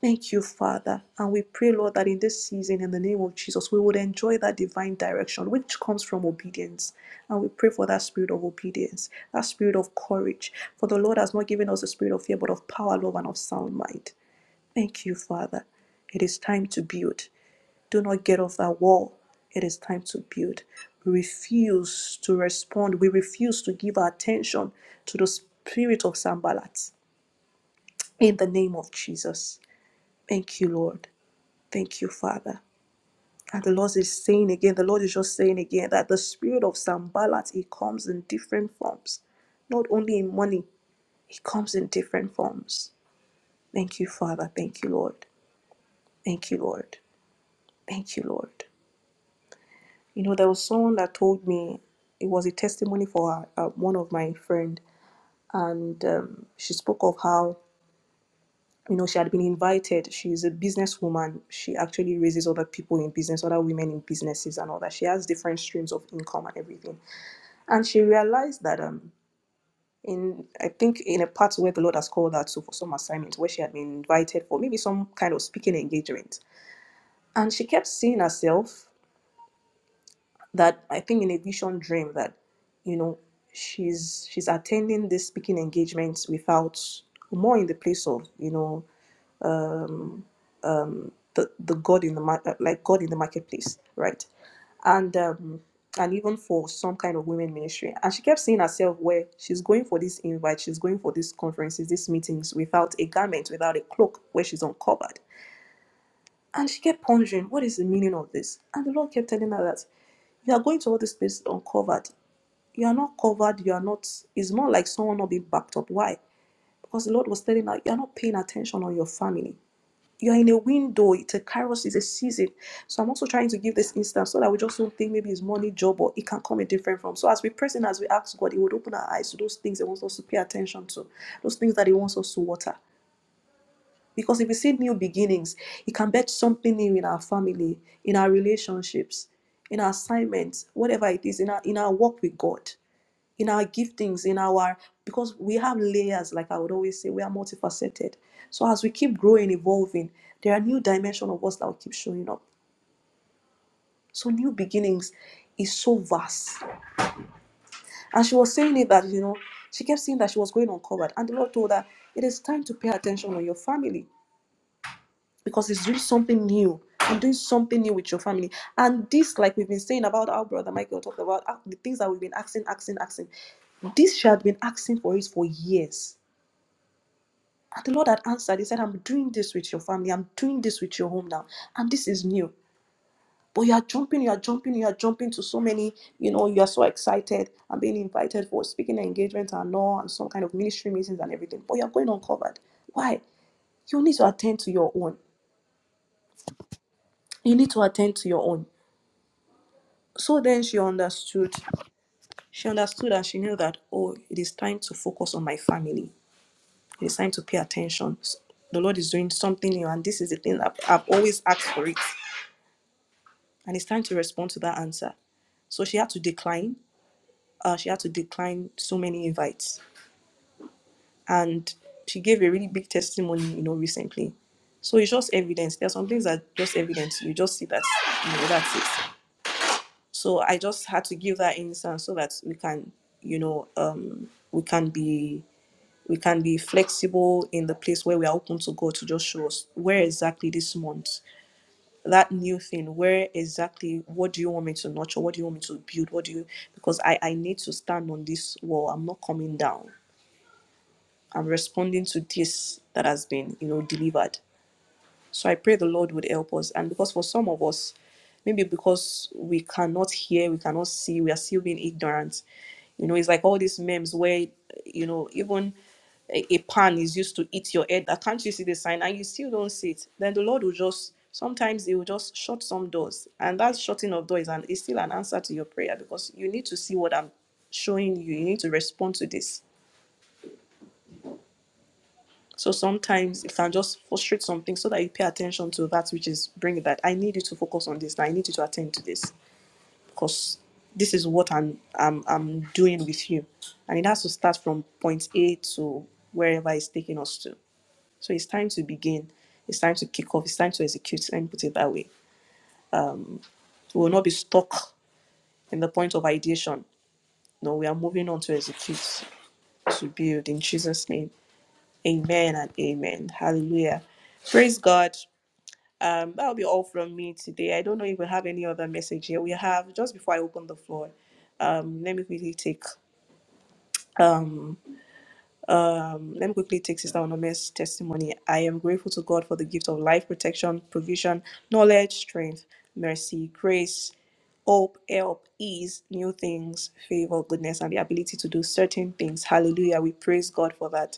Thank you, Father. And we pray, Lord, that in this season, in the name of Jesus, we would enjoy that divine direction which comes from obedience. And we pray for that spirit of obedience, that spirit of courage. For the Lord has not given us the spirit of fear, but of power, love, and of sound mind. Thank you, Father. It is time to build. Do not get off that wall. It is time to build. We refuse to respond. We refuse to give our attention to the spirit of Sambalat. In the name of Jesus. Thank you, Lord. Thank you, Father. And the Lord is saying again, the Lord is just saying again that the spirit of Sambalat, it comes in different forms. Not only in money, it comes in different forms. Thank you, Father. Thank you, Lord. Thank you, Lord. Thank you, Lord. You know, there was someone that told me it was a testimony for uh, one of my friend, and um, she spoke of how you know, she had been invited. She's a businesswoman. She actually raises other people in business, other women in businesses, and all that. She has different streams of income and everything. And she realized that, um, in I think in a part where the Lord has called her to for some assignment, where she had been invited for maybe some kind of speaking engagement, and she kept seeing herself that I think in a vision dream that, you know, she's she's attending this speaking engagement without more in the place of you know the, the god in the mar- uh, like god in the marketplace right and um and even for some kind of women ministry and she kept seeing herself where she's going for this invite she's going for these conferences these meetings without a garment without a cloak where she's uncovered and she kept pondering what is the meaning of this and the lord kept telling her that you are going to all these places uncovered. You are not covered. You are not. It's more like someone not being backed up. Why? Because the Lord was telling her, you are not paying attention on your family. You're in a window. It's a kairos. It's a season. So I'm also trying to give this instance so that we just don't think maybe it's money, job, or it can come in different form. So as we press in, as we ask God, He would open our eyes to those things He wants us to pay attention to, those things that He wants us to water. Because if we see new beginnings, it can bet something new in our family, in our relationships, in our assignments, whatever it is, in our in our walk with God in our giftings, in our because we have layers, like I would always say, we are multifaceted. So as we keep growing, evolving, there are new dimensions of us that will keep showing up. So new beginnings is so vast. And she was saying it that you know she kept saying that she was going uncovered, and the Lord told her it is time to pay attention on your family because it's doing something new. I'm doing something new with your family, and this, like we've been saying about our brother Michael, talked about uh, the things that we've been asking, asking, asking. This she had been asking for it for years And the Lord had answered. He said, I'm doing this with your family. I'm doing this with your home now. And this is new. But you are jumping, you are jumping, you are jumping to so many, you know, you are so excited and being invited for speaking engagements and all and some kind of ministry meetings and everything. But you're going uncovered. Why? You need to attend to your own. You need to attend to your own. So then she understood. She understood and she knew that, oh, it is time to focus on my family. It is time to pay attention. The Lord is doing something new, and this is the thing that I've always asked for it. and it's time to respond to that answer. So she had to decline. Uh, she had to decline so many invites, and she gave a really big testimony, you know, recently. So it's just evidence. There are some things that are just evidence. You just see that, you know, that's it. So I just had to give that instance so that we can, you know, um, we can be we can be flexible in the place where we are open to God to just show us where exactly this month that new thing where exactly what do you want me to nurture what do you want me to build what do you because i i need to stand on this wall i'm not coming down i'm responding to this that has been you know delivered so I pray the Lord would help us. And because for some of us, maybe because we cannot hear, we cannot see, we are still being ignorant. You know, it's like all these memes where, you know, even a, a pan is used to eat your head. That can't you see the sign? And you still don't see it. Then the Lord will just sometimes He will just shut some doors. And that shutting of doors is, an, is still an answer to your prayer because you need to see what I'm showing you. You need to respond to this so sometimes it can just frustrate something so that you pay attention to that which is bring that. I need you to focus on this. Now I need you to attend to this because this is what I'm I'm I'm doing with you, and it has to start from point A to wherever it's taking us to. So it's time to begin. It's time to kick off. It's time to execute. Let me put it that way. We will not be stuck in the point of ideation. No, we are moving on to execute, to build in Jesus' name. Amen and amen. Hallelujah. Praise God. Um, that'll be all from me today. I don't know if we have any other message here. We have just before I open the floor. Um, let me quickly take um, let me quickly take Sister Onome's testimony. I am grateful to God for the gift of life, protection, provision, knowledge, strength, mercy, grace, hope, help, ease, new things, favor, goodness, and the ability to do certain things. Hallelujah. We praise God for that.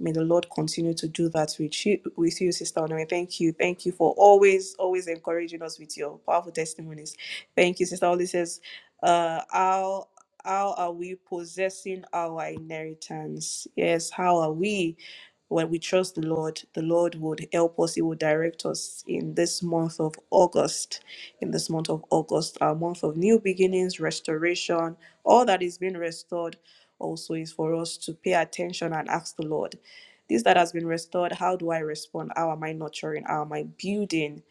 May the Lord continue to do that with you, with you, Sister Onome. Thank you. Thank you for always, always encouraging us with your powerful testimonies. Thank you, Sister Oli says, uh, how how are we possessing our inheritance? Yes, how are we? When we trust the Lord, the Lord would help us. He would direct us in this month of August, in this month of August, our month of new beginnings, restoration, all that is being restored also is for us to pay attention and ask the Lord, this that has been restored, how do I respond? How am I nurturing? How am I building?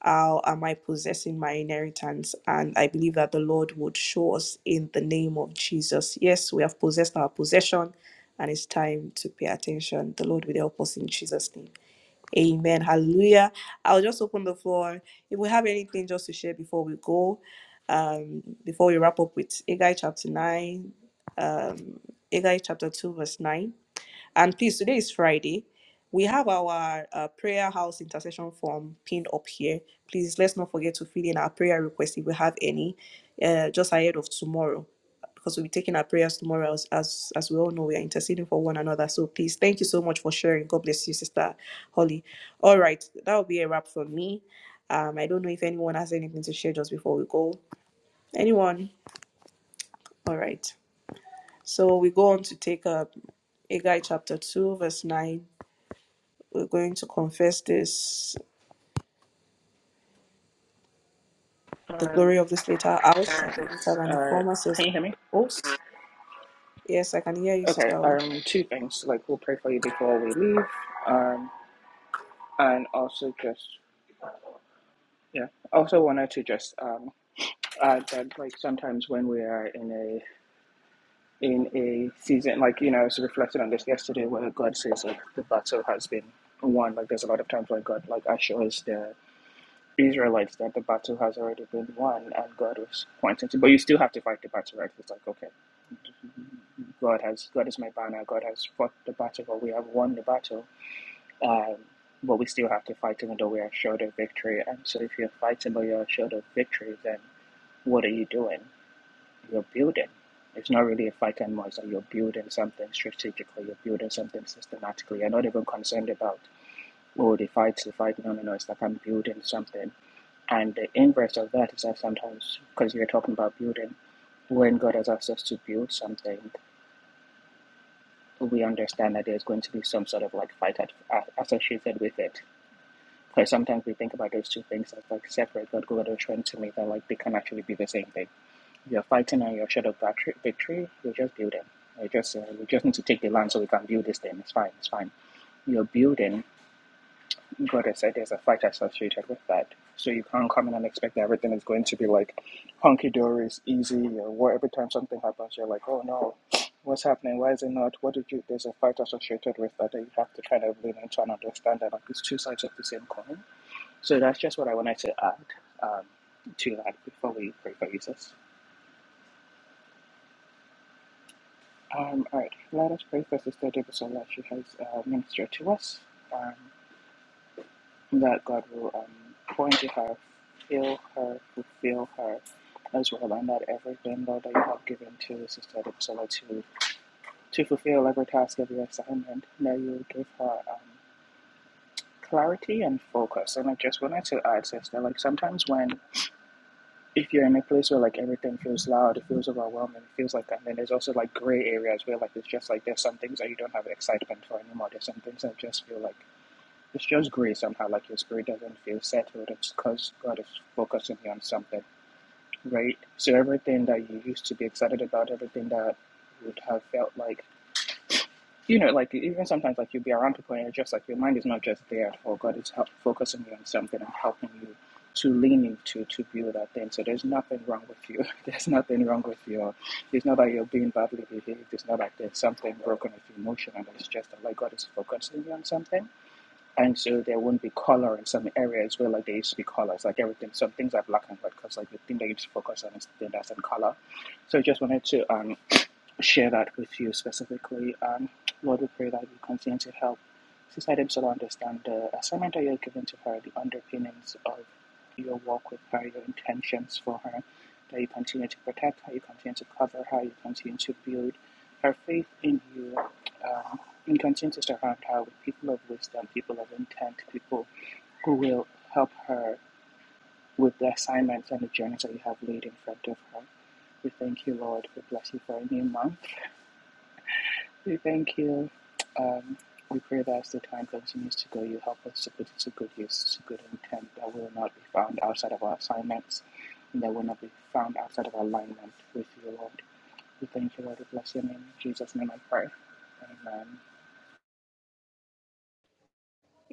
How am I possessing my inheritance? And I believe that the Lord would show us in the name of Jesus. Yes, we have possessed our possession, and it's time to pay attention. The Lord will help us in Jesus' name. Amen. Hallelujah. I'll just open the floor. If we have anything just to share before we go, um, before we wrap up with Agai chapter 9, um, Agai chapter 2, verse 9. And please, today is Friday. We have our uh, prayer house intercession form pinned up here. Please, let's not forget to fill in our prayer requests if we have any, uh, just ahead of tomorrow, because we'll be taking our prayers tomorrow. As, as as we all know, we are interceding for one another. So please, thank you so much for sharing. God bless you, Sister Holly. All right, that will be a wrap for me. Um, I don't know if anyone has anything to share just before we go. Anyone? All right. So we go on to take up Haggai chapter 2, verse 9 We're going to confess this. The
Um,
glory of this later house
uh,
shall be
sis,
greater than the
uh,
former, says
can you hear me?
host. Yes, I can hear you,
Okay.
Sister Oli.
Um, two things. Like we'll pray for you before we leave. Um, and also just yeah. Also wanted to just um add that like sometimes when we are in in a season like you know, I was reflecting on this yesterday where God says like the battle has been won. Like there's a lot of times where God like assures the Israelites that the battle has already been won and God was pointing to but you still have to fight the battle, right? It's like okay God has God is my banner, God has fought the battle or we have won the battle. Um but we still have to fight even though we are assured of victory. And so if you're fighting but you're assured of victory then what are you doing? you're building. It's not really a fight anymore. It's like you're building something strategically, you're building something systematically. You're not even concerned about, oh, the fight's the fight. No, no, no. It's like I'm building something. And the inverse of that is that sometimes, because you're talking about building, when God has asked us to build something, we understand that there's going to be some sort of like fight associated with it. Because sometimes we think about those two things as like separate, but God will show to me that like they can actually be the same thing you're fighting on your shadow factory- victory, you are just building. You just uh, we just need to take the land so we can build this thing. It's fine. It's fine. You're building. God has said there's a fight associated with that. So you can't come in and expect that everything is going to be like hunky dory, it's easy, or what every time something happens, you're like, oh no, what's happening? Why is it not? What did you? There's a fight associated with that, that you have to kind of lean into and understand that like it's two sides of the same coin. So that's just what I wanted to add um, to that before we pray for Jesus. Um, all right, let us pray for Sister Debussola that She has uh, ministered to us um, that God will um, pour into her, fill her, fulfill her as well, and that everything, Lord, that you have given to Sister Debusola to, to fulfill every task, every assignment, that you give her um, clarity and focus. And I just wanted to add, Sister, like sometimes when if you're in a place where like everything feels loud, it feels overwhelming, it feels like that. And then there's also like gray areas where like it's just like there's some things that you don't have excitement for anymore. There's some things that just feel like it's just gray somehow. Like your spirit doesn't feel settled. It's because God is focusing you on something, right? So everything that you used to be excited about, everything that would have felt like you know, like even sometimes, like you'll be around people and you're just like your mind is not just there for God; it's help, focusing you on something and helping you to lean into to build that thing. So there's nothing wrong with you. There's nothing wrong with you. It's not that you're being badly behaved. It's not like there's something broken with your emotion, and it's just that like God is focusing you on something and so there wouldn't be color in some areas where like there used to be colors like everything some things are black and white because like the thing that you should focus on is the thing that's in color so i just wanted to um share that with you specifically um lord we pray that you continue to help sister Debsola understand the assignment that you're giving to her the underpinnings of your walk with her your intentions for her that you continue to protect her you continue to cover her you continue to build her faith in you um, in consensus around her with people of wisdom, people of intent, people who will help her with the assignments and the journeys that you have laid in front of her. We thank you, Lord. We bless you for a new month. We thank you. Um, we pray that as the time continues to go, you help us to put it to good use, to good intent, that will not be found outside of our assignments, and that will not be found outside of our alignment with you, Lord. We thank you, Lord. We bless your name. In Jesus' name I pray. Amen.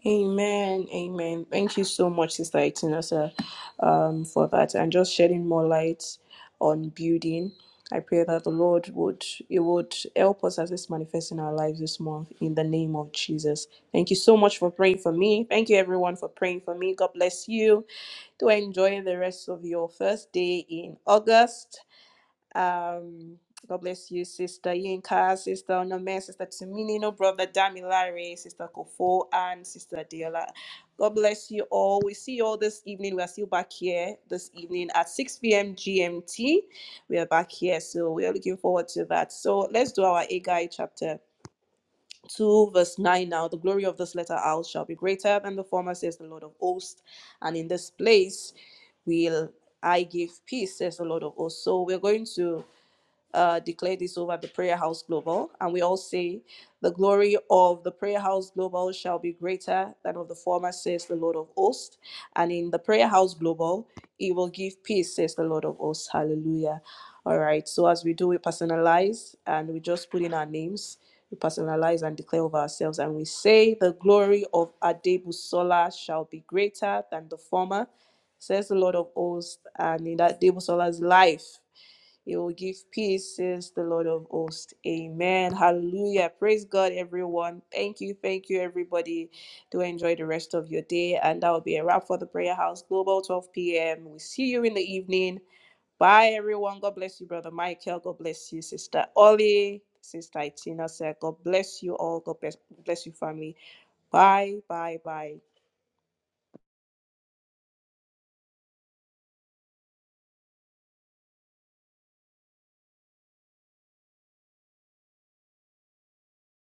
Amen. Amen. Thank you so much, Sister Itinosa, um, for that and just shedding more light on building. I pray that the Lord would it would help us as this manifests in our lives this month in the name of Jesus. Thank you so much for praying for me. Thank you everyone for praying for me. God bless you. Do enjoy the rest of your first day in August. Um, God bless you, Sister Yinka, Sister Onome, Sister Timinino, Brother Damilare, Sister Kofo, and Sister Diola. God bless you all. We see you all this evening. We are still back here this evening at 6 p.m. GMT. We are back here, so we are looking forward to that. So let's do our Agai chapter 2, verse 9 now. The glory of this letter out shall be greater than the former, says the Lord of hosts. And in this place will I give peace, says the Lord of hosts. So we're going to uh, declare this over the Prayer House Global, and we all say, The glory of the Prayer House Global shall be greater than of the former, says the Lord of hosts. And in the Prayer House Global, it will give peace, says the Lord of hosts. Hallelujah. All right, so as we do, we personalize and we just put in our names. We personalize and declare over ourselves, and we say, The glory of Adebusola shall be greater than the former, says the Lord of hosts. And in that Adebusola's life, he will give peace, says the Lord of hosts. Amen. Hallelujah. Praise God, everyone. Thank you. Thank you, everybody. Do enjoy the rest of your day. And that will be a wrap for the Prayer House Global 12 p.m. We see you in the evening. Bye, everyone. God bless you, Brother Michael. God bless you, Sister Ollie. Sister Itina said, God bless you all. God bless, bless you, family. Bye, bye, bye.